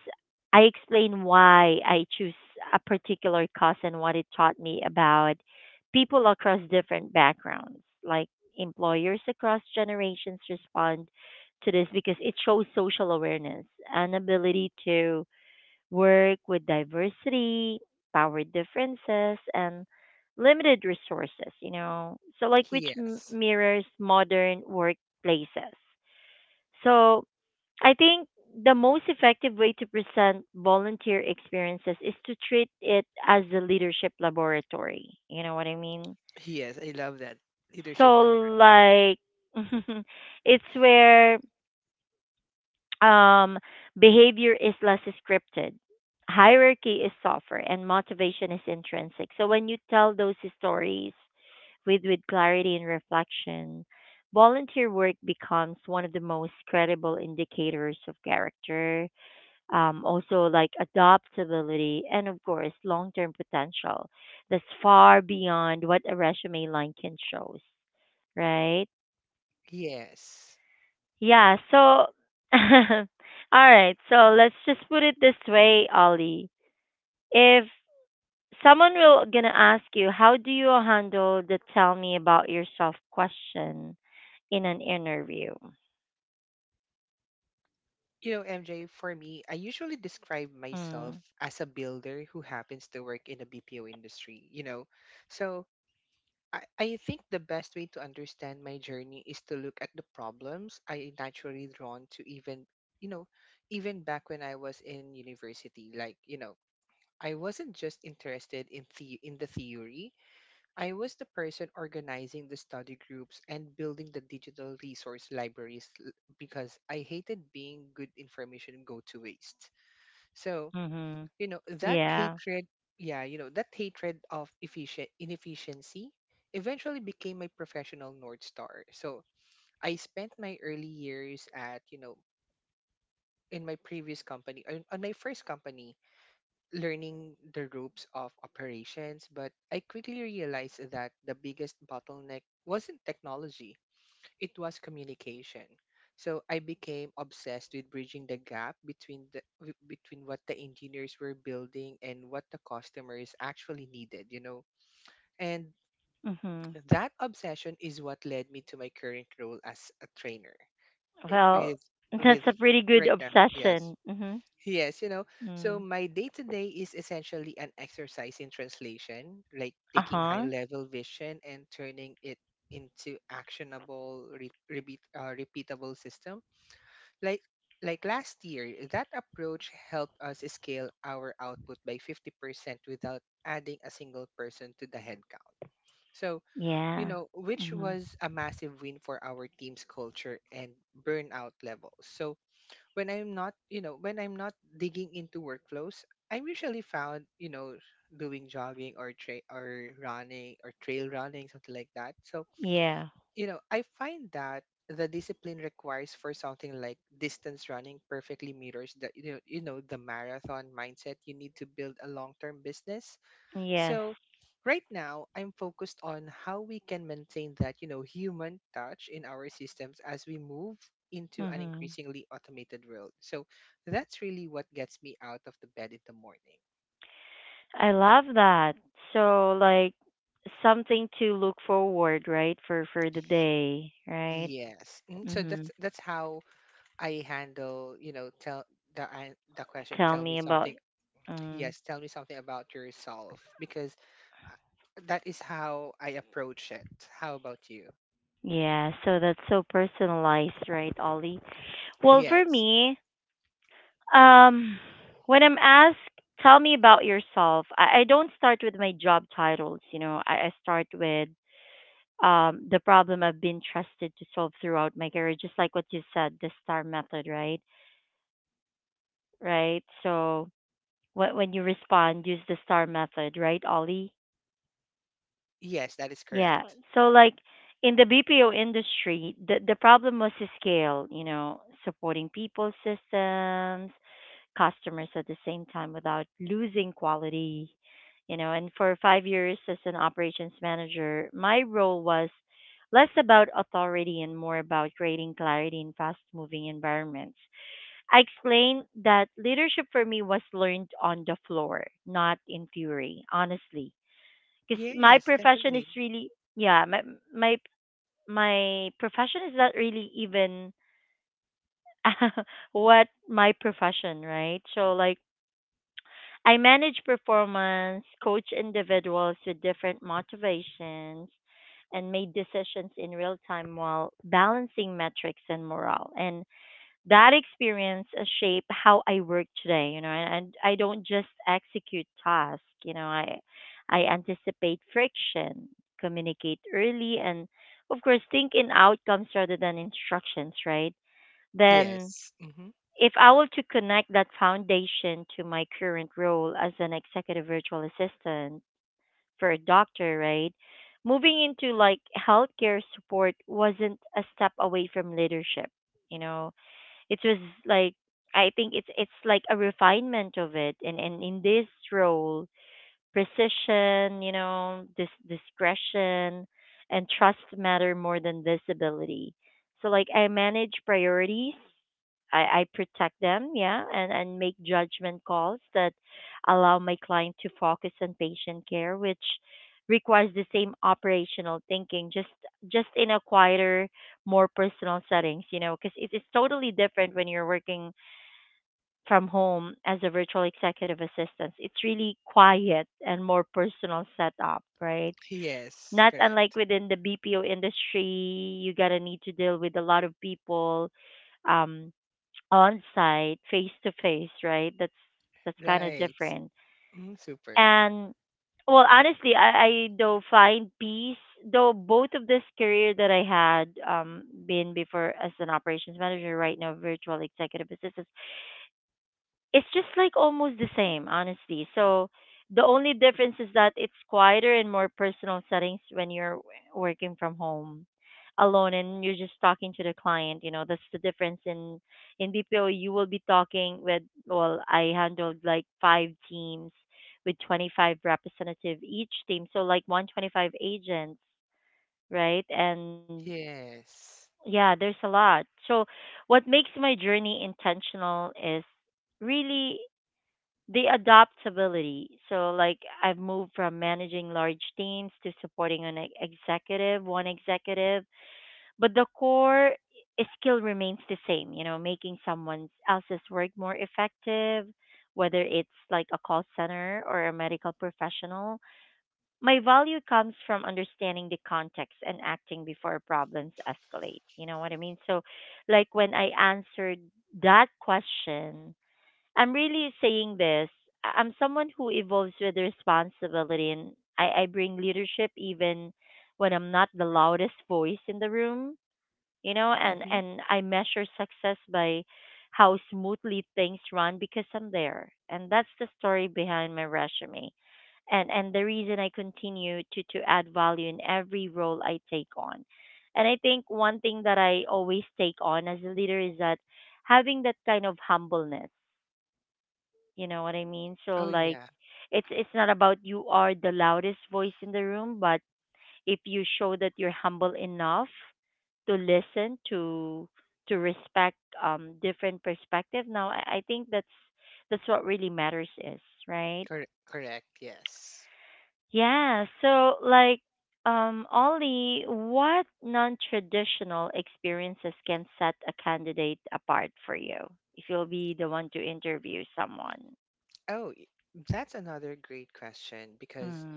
[SPEAKER 1] I explain why I choose a particular cause and what it taught me about people across different backgrounds, like employers across generations respond to this because it shows social awareness and ability to work with diversity, power differences, and limited resources, you know. So, like, which m-
[SPEAKER 2] Yes.
[SPEAKER 1] mirrors modern workplaces. So, I think the most effective way to present volunteer experiences is to treat it as a leadership laboratory. You know what I mean?
[SPEAKER 2] Yes, I love that. Leadership
[SPEAKER 1] So,
[SPEAKER 2] laboratory.
[SPEAKER 1] like, it's where Um, behavior is less scripted, hierarchy is softer, and motivation is intrinsic. So when you tell those stories with clarity and reflection, volunteer work becomes one of the most credible indicators of character, also like adaptability, and of course, long term potential that's far beyond what a resume line can show, right?
[SPEAKER 2] Yes.
[SPEAKER 1] Yeah, so all right, so let's just put it this way, Ollie. If someone will gonna ask you, how do you handle the tell me about yourself question in an interview?
[SPEAKER 2] You know, MJ, for me, I usually describe myself
[SPEAKER 1] Mm.
[SPEAKER 2] as a builder who happens to work in a BPO industry, you know. So I think the best way to understand my journey is to look at the problems I naturally drawn to even, you know, even back when I was in university. Like, you know, I wasn't just interested in the theory. I was the person organizing the study groups and building the digital resource libraries because I hated being good information go to waste. So,
[SPEAKER 1] Mhm.
[SPEAKER 2] you know, that
[SPEAKER 1] Yeah.
[SPEAKER 2] hatred, yeah, you know, that hatred of efficient inefficiency eventually became my professional north star. So, I spent my early years at, you know, in my previous company, on my first company, learning the ropes of operations, but I quickly realized that the biggest bottleneck wasn't technology, it was communication. So I became obsessed with bridging the gap between what the engineers were building and what the customers actually needed, you know. And
[SPEAKER 1] Mhm.
[SPEAKER 2] that obsession is what led me to my current role as a trainer. I-
[SPEAKER 1] Well,
[SPEAKER 2] With
[SPEAKER 1] that's
[SPEAKER 2] with
[SPEAKER 1] a pretty good
[SPEAKER 2] right now, yes.
[SPEAKER 1] obsession. Mhm.
[SPEAKER 2] Yes, you know, so
[SPEAKER 1] Mm.
[SPEAKER 2] my day to day is essentially an exercise in translation, like taking high
[SPEAKER 1] Uh-huh.
[SPEAKER 2] level vision and turning it into actionable, repeatable system. Like like last year, that approach helped us scale our output by 50% without adding a single person to the headcount. So, you
[SPEAKER 1] Yeah.
[SPEAKER 2] know, which
[SPEAKER 1] Mhm.
[SPEAKER 2] was a massive win for our team's culture and burnout levels. So, when I'm not digging into workflows, I'm usually found, you know, doing jogging or running or trail running, something like that. So,
[SPEAKER 1] Yeah.
[SPEAKER 2] you know, I find that the discipline requires for something like distance running perfectly mirrors the you know the marathon mindset you need to build a long-term business.
[SPEAKER 1] Yes.
[SPEAKER 2] So right now, I'm focused on how we can maintain that, you know, human touch in our systems as we move into an
[SPEAKER 1] Mhm.
[SPEAKER 2] increasingly automated world. So that's really what gets me out of the bed in the morning.
[SPEAKER 1] I love that. So like something to look forward, right, for the day, right?
[SPEAKER 2] Yes. Mm. So that's
[SPEAKER 1] Mhm.
[SPEAKER 2] that's how I handle, you know, tell the question,
[SPEAKER 1] Tell
[SPEAKER 2] tell me
[SPEAKER 1] me about
[SPEAKER 2] something.
[SPEAKER 1] mm,
[SPEAKER 2] Yes, tell me something about yourself because that is how I approach it. How about you?
[SPEAKER 1] yeah, so that's so personalized, right, Ollie? Well, for
[SPEAKER 2] Yes.
[SPEAKER 1] me, um when I'm asked tell me about yourself, I don't start with my job titles, you know. I start with the problem I've been trusted to solve throughout my career, just like what you said, the star method, right? Right? So when you respond, use the star method, right, Ollie?
[SPEAKER 2] Yes, that is
[SPEAKER 1] Yeah.
[SPEAKER 2] correct.
[SPEAKER 1] So like in the BPO industry, the problem was the scale, you know, supporting people, systems, customers at the same time without losing quality, you know. And for 5 years as an operations manager, my role was less about authority and more about creating clarity in fast moving environments. I explained that leadership for me was learned on the floor, not in theory, honestly. Because my
[SPEAKER 2] Yes,
[SPEAKER 1] profession is
[SPEAKER 2] definitely.
[SPEAKER 1] really, yeah, my my profession is not really even what my profession, right? So like, I manage performance, coach individuals with different motivations, and made decisions in real time while balancing metrics and morale. And that experience shaped how I work today, you know, and I don't just execute tasks, you know, I anticipate friction, communicate early and of course think in outcomes rather than instructions, right? Then
[SPEAKER 2] Yes. Mm-hmm.
[SPEAKER 1] if I were to connect that foundation to my current role as an executive virtual assistant for a doctor, right? Moving into like healthcare support wasn't a step away from leadership, you know, it was like I think it's like a refinement of it, and in this role, precision, you know, this discretion, and trust matter more than visibility. So like I manage priorities, I protect them, yeah, and make judgment calls that allow my client to focus on patient care, which requires the same operational thinking, just in a quieter, more personal settings, you know, because it is totally different when you're working from home as a virtual executive assistant. It's really quiet and more personal setup, right?
[SPEAKER 2] Yes.
[SPEAKER 1] Not unlike
[SPEAKER 2] Correct.
[SPEAKER 1] within the BPO industry, you gotta need to deal with a lot of people um on site, face to face, right? That's kind of
[SPEAKER 2] Right.
[SPEAKER 1] different.
[SPEAKER 2] Mm, super.
[SPEAKER 1] And well, honestly, I do find peace though both of this career that I had been before as an operations manager right now virtual executive assistant, it's just like almost the same, honestly. So the only difference is that it's quieter and more personal settings when you're working from home alone and you're just talking to the client, you know, that's the difference. In bpo you will be talking with, well, I handled like five teams with 25 representative each team, so like 125 agents, right? And
[SPEAKER 2] Yes.
[SPEAKER 1] yeah, there's a lot. So what makes my journey intentional is really the adaptability. So, like, I've moved from managing large teams to supporting an executive, one executive, but the core skill remains the same, you know, making someone else's work more effective, whether it's like a call center or a medical professional. My value comes from understanding the context and acting before problems escalate. You know what I mean? So, like, when I answered that question, I'm really saying this. I'm someone who evolves with responsibility, and I bring leadership even when I'm not the loudest voice in the room, you know, and,
[SPEAKER 2] Mm-hmm.
[SPEAKER 1] and I measure success by how smoothly things run because I'm there. And that's the story behind my resume. And the reason I continue to add value in every role I take on. And I think one thing that I always take on as a leader is that having that kind of humbleness, you know what I mean? So
[SPEAKER 2] Oh
[SPEAKER 1] like
[SPEAKER 2] yeah.
[SPEAKER 1] it's not about you are the loudest voice in the room, but if you show that you're humble enough to listen to respect different perspective. Now I think that's what really matters, is, right?
[SPEAKER 2] Correct. Yes.
[SPEAKER 1] Yeah, so like Ollie, what non-traditional experiences can set a candidate apart for you if you'll be the one to interview someone?
[SPEAKER 2] Oh, that's another great question because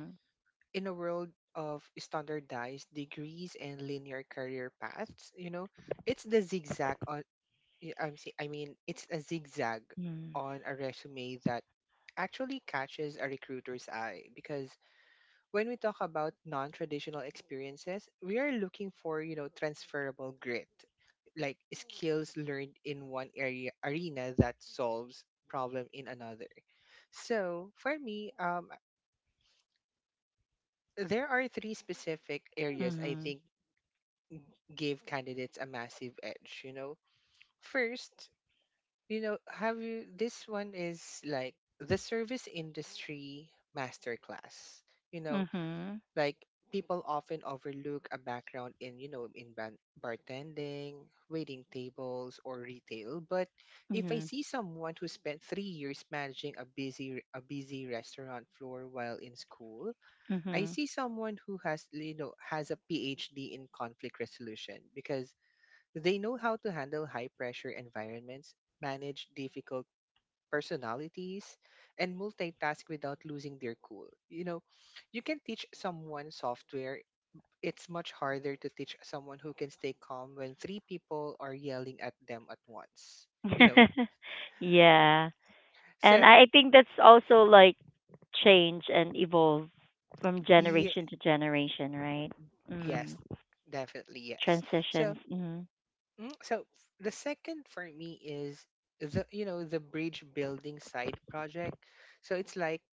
[SPEAKER 2] in a world of standardized degrees and linear career paths, you know, it's the zigzag on. I'm see. I mean, it's a zigzag
[SPEAKER 1] Mm.
[SPEAKER 2] on a resume that actually catches a recruiter's eye because when we talk about non-traditional experiences, we are looking for, you know, transferable grit, like skills learned in one area arena that solves problem in another. So for me, there are three specific areas I
[SPEAKER 1] Mhm.
[SPEAKER 2] think give candidates a massive edge. You know, first, you know, have you? This one is like the service industry masterclass. You know,
[SPEAKER 1] Mhm.
[SPEAKER 2] like people often overlook a background in you know in ban- bartending waiting tables or retail but if I
[SPEAKER 1] Mhm.
[SPEAKER 2] see someone who spent 3 years managing a busy restaurant floor while in school, I
[SPEAKER 1] Mhm.
[SPEAKER 2] see someone who has you know has a PhD in conflict resolution because they know how to handle high pressure environments, manage difficult personalities and multitask without losing their cool, you know. You can teach someone software. It's much harder to teach someone who can stay calm when three people are yelling at them at once. You know?
[SPEAKER 1] Yeah. And
[SPEAKER 2] So,
[SPEAKER 1] I think that's also like change and evolve from
[SPEAKER 2] yeah,
[SPEAKER 1] generation to generation, right?
[SPEAKER 2] yes,
[SPEAKER 1] Mm.
[SPEAKER 2] definitely yes. So,
[SPEAKER 1] Transitions. Mhm.
[SPEAKER 2] mm, the second for me is the you know the bridge building side project. So it's like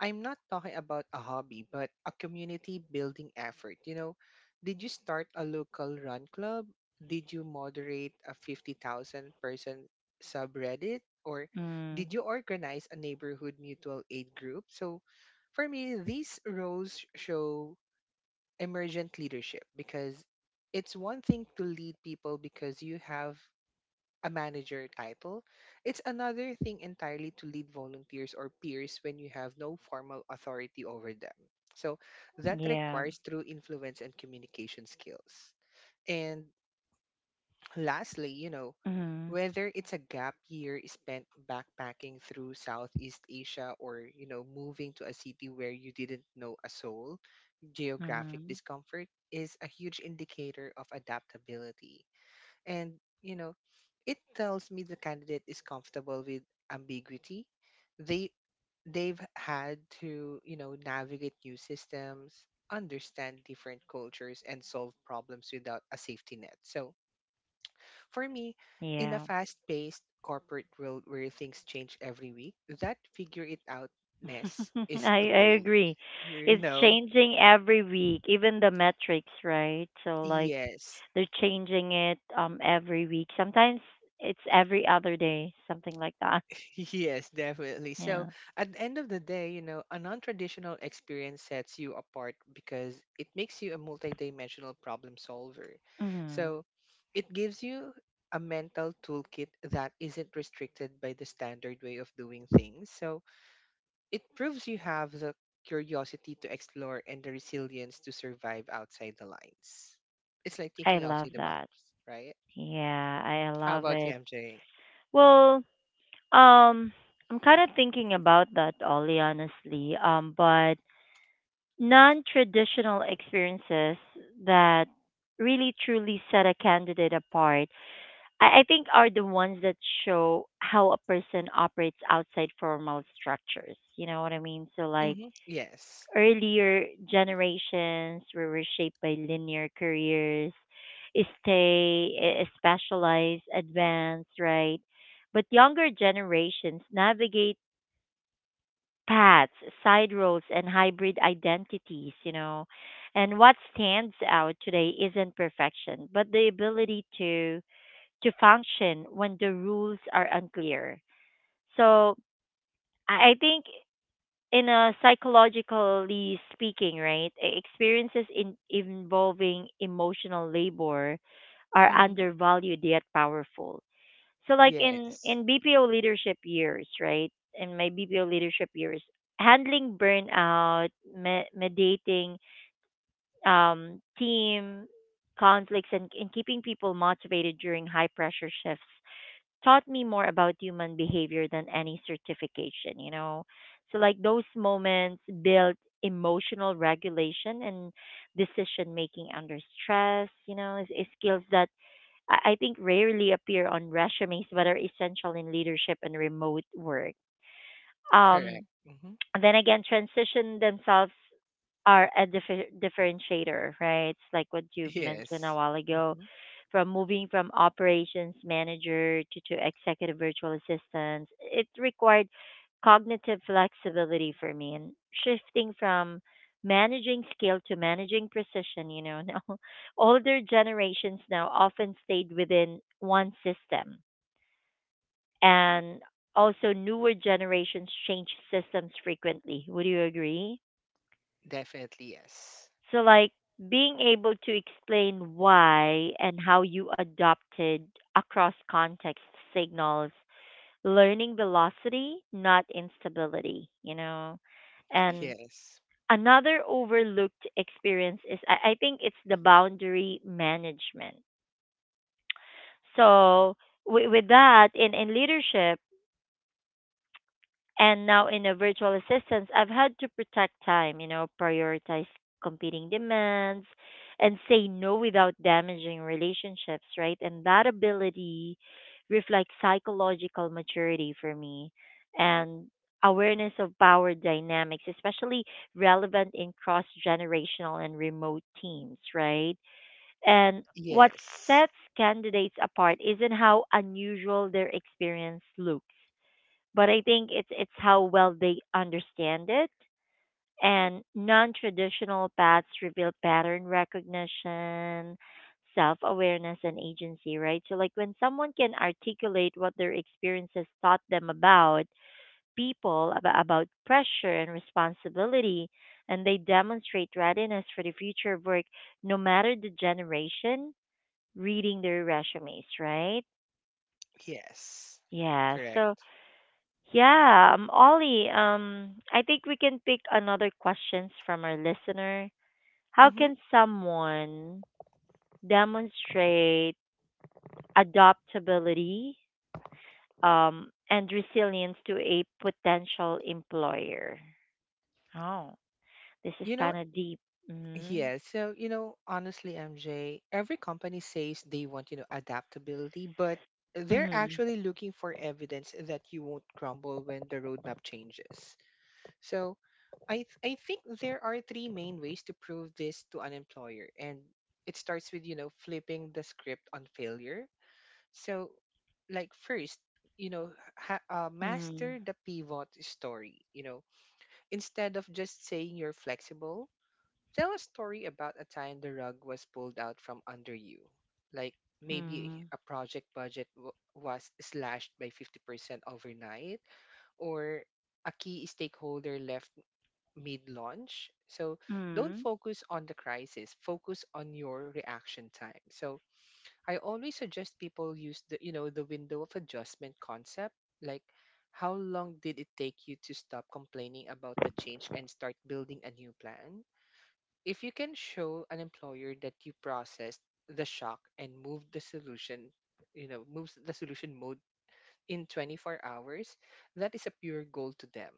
[SPEAKER 2] I'm not talking about a hobby, but a community building effort. You know, did you start a local run club? Did you moderate a 50,000 person subreddit, or
[SPEAKER 1] Mm.
[SPEAKER 2] did you organize a neighborhood mutual aid group? So for me, these roles show emergent leadership because it's one thing to lead people because you have a manager title. It's another thing entirely to lead volunteers or peers when you have no formal authority over them. So that
[SPEAKER 1] Yeah.
[SPEAKER 2] requires true influence and communication skills. And lastly, you know,
[SPEAKER 1] Mhm.
[SPEAKER 2] whether it's a gap year spent backpacking through Southeast Asia or, you know, moving to a city where you didn't know a soul, geographic
[SPEAKER 1] Mhm.
[SPEAKER 2] discomfort is a huge indicator of adaptability. And, you know, it tells me the candidate is comfortable with ambiguity. They they've had to, you know, navigate new systems, understand different cultures and solve problems without a safety net. So, for me, in a
[SPEAKER 1] Yeah.
[SPEAKER 2] fast-paced corporate world where things change every week, that figure it outness is a
[SPEAKER 1] I
[SPEAKER 2] goal.
[SPEAKER 1] agree.
[SPEAKER 2] You
[SPEAKER 1] It's
[SPEAKER 2] know,
[SPEAKER 1] changing every week, even the metrics, right? So like
[SPEAKER 2] yes.
[SPEAKER 1] they're changing it every week. Sometimes it's every other day, something like that.
[SPEAKER 2] Yes, definitely. So
[SPEAKER 1] Yeah.
[SPEAKER 2] at the end of the day, you know, a non-traditional experience sets you apart because it makes you a multidimensional problem solver.
[SPEAKER 1] Mm.
[SPEAKER 2] So it gives you a mental toolkit that isn't restricted by the standard way of doing things. So it proves you have the curiosity to explore and the resilience to survive outside the lines. It's like
[SPEAKER 1] I
[SPEAKER 2] thinking
[SPEAKER 1] love
[SPEAKER 2] outside the box,
[SPEAKER 1] that.
[SPEAKER 2] right?
[SPEAKER 1] Yeah, I
[SPEAKER 2] How
[SPEAKER 1] love
[SPEAKER 2] about you,
[SPEAKER 1] it.
[SPEAKER 2] MJ?
[SPEAKER 1] Well, um I'm kind of thinking about that, Ollie, honestly. But non-traditional experiences that really truly set a candidate apart, I think, are the ones that show how a person operates outside formal structures. You know what I mean? So like
[SPEAKER 2] Mm-hmm. Yes.
[SPEAKER 1] earlier generations were shaped by linear careers, specialized, advanced, right? But younger generations navigate paths, side roads, and hybrid identities, you know. And what stands out today isn't perfection, but the ability to function when the rules are unclear. So I think in a psychologically speaking, right, experiences in involving emotional labor are
[SPEAKER 2] Mm-hmm.
[SPEAKER 1] undervalued yet powerful. So like in
[SPEAKER 2] Yes.
[SPEAKER 1] in BPO leadership years, right? In my BPO leadership years, handling burnout, mediating team conflicts, and keeping people motivated during high pressure shifts taught me more about human behavior than any certification, you know. So like those moments built emotional regulation and decision making under stress, you know, is skills that I think rarely appear on resumes but are essential in leadership and remote work. Um
[SPEAKER 2] Correct. Hmm.
[SPEAKER 1] and then again, transition themselves are a differentiator, right? It's like what you've mentioned a
[SPEAKER 2] Yes.
[SPEAKER 1] while ago,
[SPEAKER 2] Hmm.
[SPEAKER 1] from moving from operations manager to executive virtual assistant. It required cognitive flexibility for me and shifting from managing skill to managing precision, you know. Now older generations now often stayed within one system, and also newer generations change systems frequently. Would you agree?
[SPEAKER 2] Definitely yes.
[SPEAKER 1] So like being able to explain why and how you adopted across context signals learning velocity, not instability, you know. And
[SPEAKER 2] Yes.
[SPEAKER 1] another overlooked experience is, I think, it's the boundary management. So with that in leadership, and now in a virtual assistance, I've had to protect time, you know, prioritize competing demands and say no without damaging relationships, right? And that ability reflects psychological maturity for me and awareness of power dynamics, especially relevant in cross generational and remote teams, right? And what
[SPEAKER 2] Yes.
[SPEAKER 1] sets candidates apart isn't how unusual their experience looks, but I think it's how well they understand it. And non-traditional paths reveal pattern recognition, self-awareness, and agency, right? So like when someone can articulate what their experiences taught them about people, about pressure and responsibility, and they demonstrate readiness for the future of work, no matter the generation, reading their resumes, right?
[SPEAKER 2] Yes.
[SPEAKER 1] Yeah. So,
[SPEAKER 2] Correct.
[SPEAKER 1] yeah, Ollie, I think we can pick another questions from our listener. How
[SPEAKER 2] Hmm.
[SPEAKER 1] can someone demonstrate adaptability, and resilience to a potential employer? Oh, this is
[SPEAKER 2] You know,
[SPEAKER 1] kind of deep. Mm-hmm.
[SPEAKER 2] yeah. So, you know, honestly, MJ, every company says they want, you know, adaptability, but they're
[SPEAKER 1] Mm-hmm.
[SPEAKER 2] actually looking for evidence that you won't crumble when the roadmap changes. So, I think there are three main ways to prove this to an employer, and it starts with, you know, flipping the script on failure. So, like first, you know, master the pivot story. You know, instead of just saying you're flexible, tell a story about a time the rug was pulled out from under you. Like maybe
[SPEAKER 1] Mm-hmm.
[SPEAKER 2] a project budget was slashed by 50% overnight, or a key stakeholder left mid-launch. So don't
[SPEAKER 1] Mm-hmm.
[SPEAKER 2] focus on the crisis, focus on your reaction time. So I always suggest people use the you know the window of adjustment concept. Like, how long did it take you to stop complaining about the change and start building a new plan? If you can show an employer that you processed the shock and moved the solution, you know, moves the solution mode in 24 hours, that is a pure goal to them.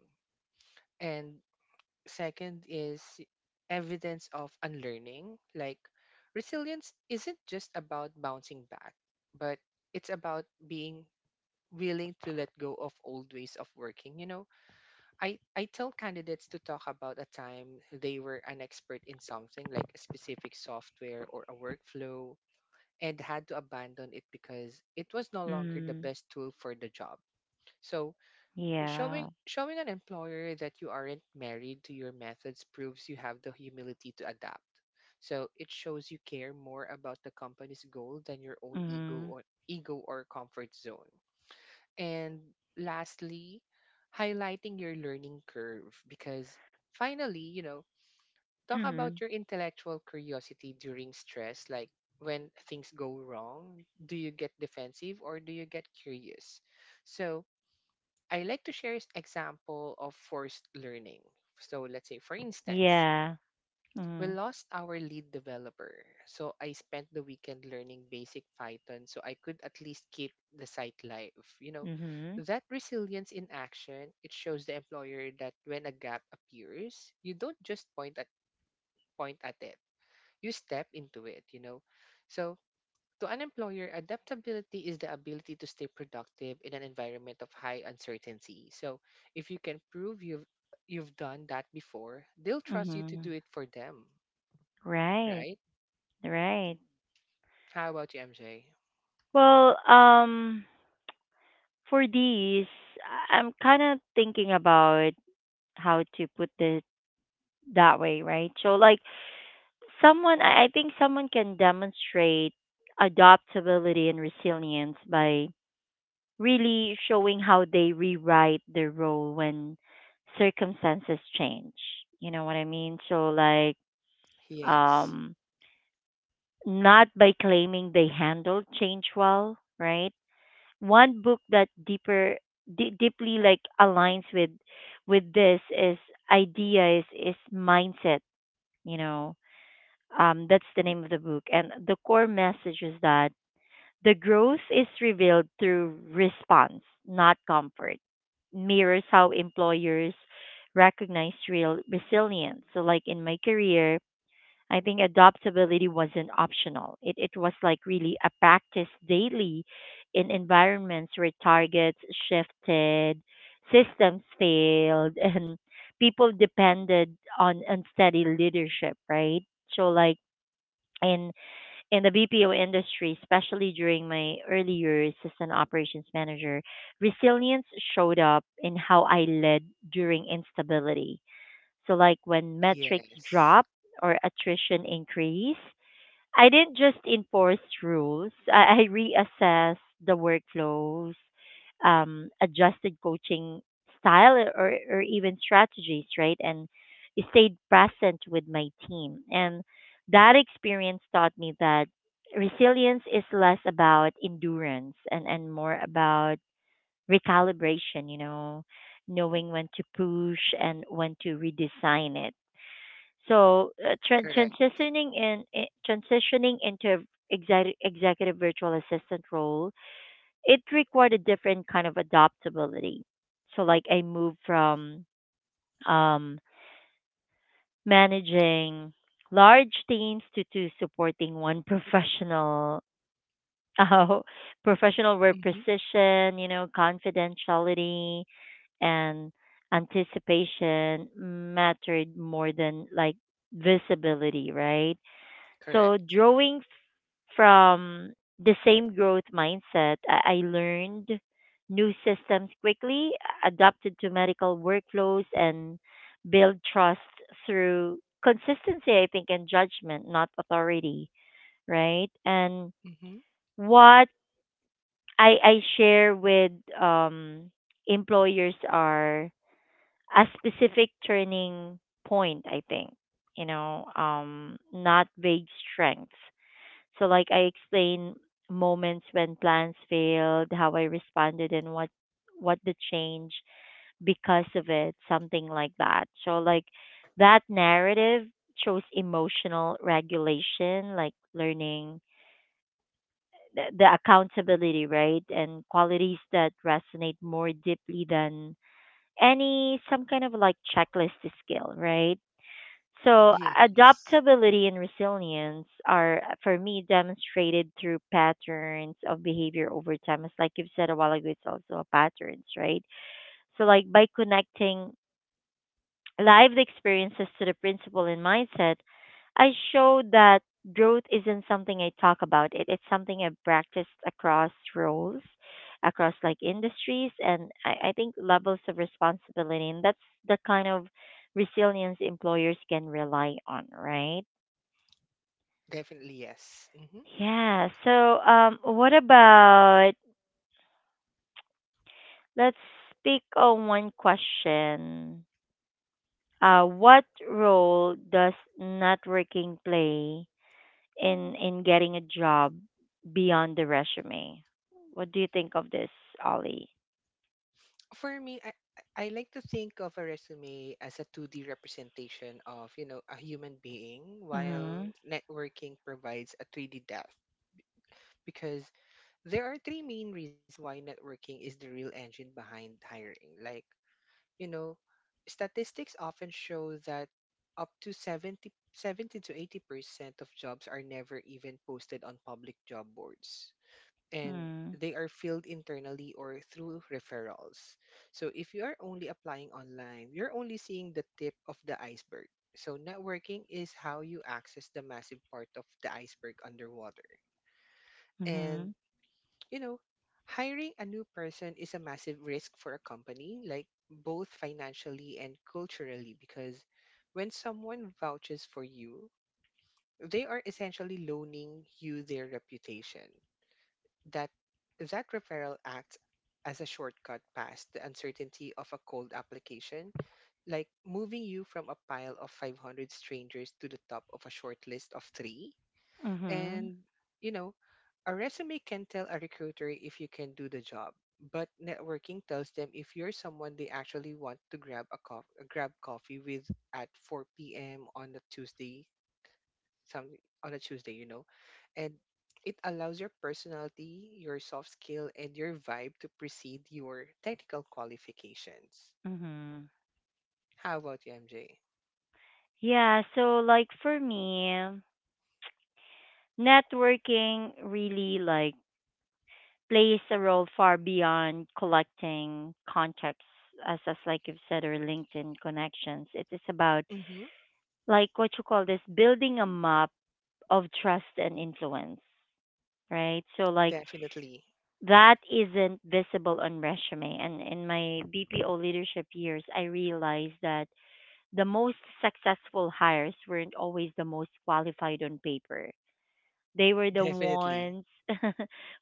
[SPEAKER 2] And second is evidence of unlearning. Like resilience isn't just about bouncing back, but it's about being willing to let go of old ways of working. You know, I tell candidates to talk about a time they were an expert in something like a specific software or a workflow and had to abandon it because it was no longer the
[SPEAKER 1] Mm-hmm.
[SPEAKER 2] best tool for the job. So
[SPEAKER 1] Yeah.
[SPEAKER 2] showing an employer that you aren't married to your methods proves you have the humility to adapt. So it shows you care more about the company's goal than your own ego
[SPEAKER 1] Mm-hmm.
[SPEAKER 2] or ego or comfort zone. And lastly, highlighting your learning curve because finally, you know, talk about your intellectual curiosity during stress, like when things go wrong, do you get defensive or do you get curious? So I like to share an example of forced learning. So let's say, for instance,
[SPEAKER 1] Yeah.
[SPEAKER 2] we
[SPEAKER 1] Mm-hmm.
[SPEAKER 2] lost our lead developer. So I spent the weekend learning basic Python so I could at least keep the site live. You know,
[SPEAKER 1] Mm-hmm.
[SPEAKER 2] that resilience in action, it shows the employer that when a gap appears, you don't just point at it. You step into it, you know. So to an employer, adaptability is the ability to stay productive in an environment of high uncertainty. So, if you can prove you've done that before, they'll trust you to
[SPEAKER 1] Mm-hmm.
[SPEAKER 2] do it for them,
[SPEAKER 1] Right.
[SPEAKER 2] right?
[SPEAKER 1] Right.
[SPEAKER 2] How about you, MJ?
[SPEAKER 1] Well, for these, I'm kind of thinking about how to put this that way, right? So, like, someone, I think someone can demonstrate adaptability and resilience by really showing how they rewrite their role when circumstances change. You know what I mean? So, like,
[SPEAKER 2] Yes.
[SPEAKER 1] um, not by claiming they handled change well, right? One book that deeper deeply like aligns with this is idea is Mindset, you know, that's the name of the book, and the core message is that the growth is revealed through response, not comfort, mirrors how employers recognize real resilience. So like in my career, I think adaptability wasn't optional. It was like really a practice daily in environments where targets shifted, systems failed, and people depended on unsteady leadership, right? So like in in the BPO industry, especially during my early years as an operations manager, resilience showed up in how I led during instability. So like when metrics
[SPEAKER 2] Yes.
[SPEAKER 1] drop or attrition increase, I didn't just enforce rules. I reassessed the workflows, adjusted coaching style or even strategies, right? And stayed present with my team. And that experience taught me that resilience is less about endurance and more about recalibration, you know, knowing when to push and when to redesign it. So,
[SPEAKER 2] Correct.
[SPEAKER 1] transitioning transitioning into executive virtual assistant role, it required a different kind of adaptability. So like I moved from um, managing large teams to supporting one professional, uh, professional, where
[SPEAKER 2] Mm-hmm.
[SPEAKER 1] precision, you know, confidentiality and anticipation mattered more than like visibility, right? So
[SPEAKER 2] Correct.
[SPEAKER 1] drawing from the same growth mindset, I learned new systems quickly, adapted to medical workflows, and built trust through consistency, I think, and judgment, not authority, right? And
[SPEAKER 2] Mm-hmm.
[SPEAKER 1] what I share with um, employers are a specific turning point, I think, you know, not vague strengths. So, like, I explain moments when plans failed, how I responded, and what the change because of it, something like that. So, like, that narrative shows emotional regulation, like learning the accountability, right, and qualities that resonate more deeply than any some kind of like checklist skill, right? So
[SPEAKER 2] Yes.
[SPEAKER 1] adaptability and resilience are, for me, demonstrated through patterns of behavior over time. It's like you've said a while ago, it's also patterns, right? So like by connecting lived experiences to the principle and mindset, I showed that growth isn't something I talk about. It's something I've practiced across roles, across like industries, and, I think, levels of responsibility. And that's the kind of resilience employers can rely on, right?
[SPEAKER 2] Definitely yes. Mm-hmm.
[SPEAKER 1] Yeah. So, what about, let's speak on one question. What role does networking play in getting a job beyond the resume? What do you think of this, Ollie?
[SPEAKER 2] For me, I like to think of a resume as a 2D representation of, you know, a human being, while
[SPEAKER 1] Mhm.
[SPEAKER 2] networking provides a 3D depth. Because there are three main reasons why networking is the real engine behind hiring. Like, you know, statistics often show that up to seventy to 80% of jobs are never even posted on public job boards and
[SPEAKER 1] Mhm.
[SPEAKER 2] they are filled internally or through referrals. So if you are only applying online, you're only seeing the tip of the iceberg. So networking is how you access the massive part of the iceberg underwater. And
[SPEAKER 1] Mhm.
[SPEAKER 2] you know, hiring a new person is a massive risk for a company, like both financially and culturally, because when someone vouches for you, they are essentially loaning you their reputation. That that referral acts as a shortcut past the uncertainty of a cold application, like moving you from a pile of 500 strangers to the top of a short list of three.
[SPEAKER 1] Mhm.
[SPEAKER 2] And, you know, a resume can tell a recruiter if you can do the job, but networking tells them if you're someone they actually want to grab coffee with at 4 p.m. on a Tuesday, something on a Tuesday, you know. And it allows your personality, your soft skill, and your vibe to precede your technical qualifications.
[SPEAKER 1] Mhm.
[SPEAKER 2] How about you, MJ?
[SPEAKER 1] Yeah, so like for me, networking really like plays a role far beyond collecting contacts, as like you've said, or LinkedIn connections. It is about
[SPEAKER 2] Mm-hmm.
[SPEAKER 1] like what you call this, building a map of trust and influence. Right? So like
[SPEAKER 2] Definitely.
[SPEAKER 1] that isn't visible on resume. And in my BPO leadership years, I realized that the most successful hires weren't always the most qualified on paper. They were the
[SPEAKER 2] Definitely.
[SPEAKER 1] ones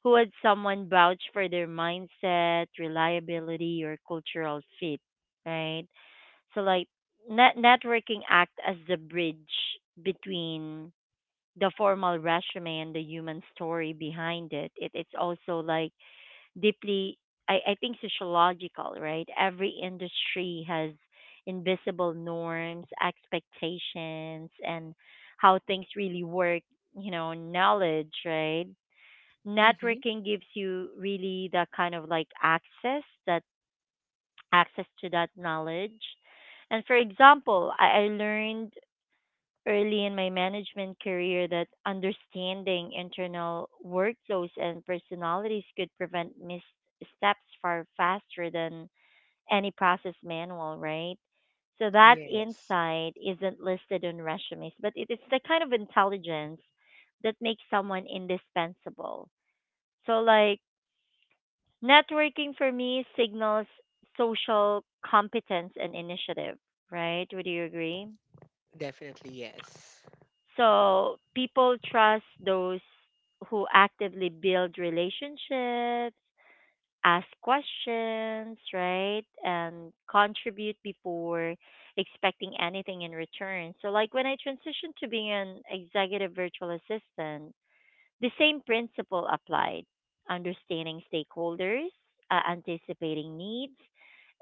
[SPEAKER 1] who had someone vouch for their mindset, reliability, or cultural fit, right? So, like, networking act as the bridge between the formal resume and the human story behind it. It it's also like deeply, I think, sociological, right? Every industry has invisible norms, expectations, and how things really work, you know, knowledge, right?
[SPEAKER 2] Mm-hmm.
[SPEAKER 1] Networking gives you really that kind of like access, that access to that knowledge. And for example, I learned early in my management career that understanding internal workflows and personalities could prevent missteps far faster than any process manual, right? So that
[SPEAKER 2] Yes.
[SPEAKER 1] insight isn't listed on resumes, but it is the kind of intelligence that makes someone indispensable. So, like, networking for me signals social competence and initiative, right? Would you agree?
[SPEAKER 2] Definitely, yes.
[SPEAKER 1] So people trust those who actively build relationships, ask questions, right? And contribute before expecting anything in return. So, like, when I transitioned to being an executive virtual assistant, the same principle applied, understanding stakeholders, anticipating needs,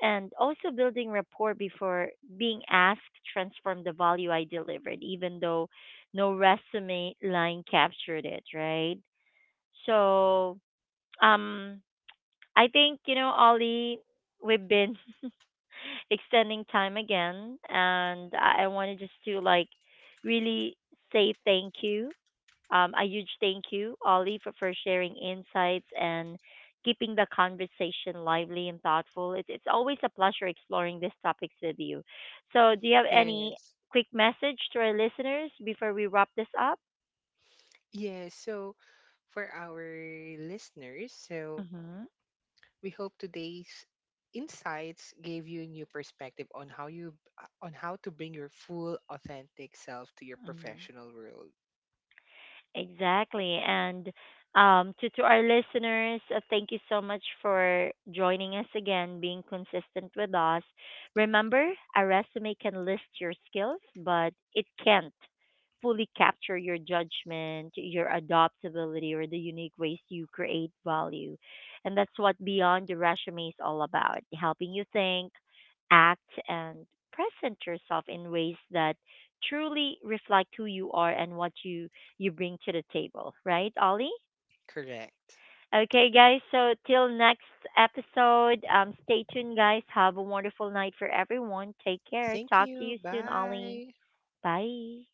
[SPEAKER 1] and also building rapport before being asked, transform the value I delivered, even though no resume line captured it, right? So, um, I think, you know, Ollie, we've been extending time again, and I wanted just to like really say thank you, a huge thank you, Ollie, for sharing insights and keeping the conversation lively and thoughtful. It's always a pleasure exploring these topics with you. So, do you have any
[SPEAKER 2] Yes.
[SPEAKER 1] quick message to our listeners before we wrap this up?
[SPEAKER 2] Yes. So for our listeners, so
[SPEAKER 1] Mm-hmm.
[SPEAKER 2] We hope today's insights gave you a new perspective on how you on how to bring your full authentic self to your
[SPEAKER 1] Mm-hmm.
[SPEAKER 2] professional world.
[SPEAKER 1] Exactly. And to our listeners, thank you so much for joining us again, being consistent with us. Remember, a resume can list your skills, but it can't fully capture your judgment, your adaptability, or the unique ways you create value. And that's what Beyond the Resume is all about, helping you think, act, and present yourself in ways that truly reflect who you are and what you bring to the table. Right, Ollie?
[SPEAKER 2] Correct.
[SPEAKER 1] Okay, guys. So till next episode, stay tuned, guys. Have a wonderful night for everyone. Take care.
[SPEAKER 2] Thank
[SPEAKER 1] Talk to you
[SPEAKER 2] you.
[SPEAKER 1] soon, Ollie.
[SPEAKER 2] Bye.
[SPEAKER 1] Bye.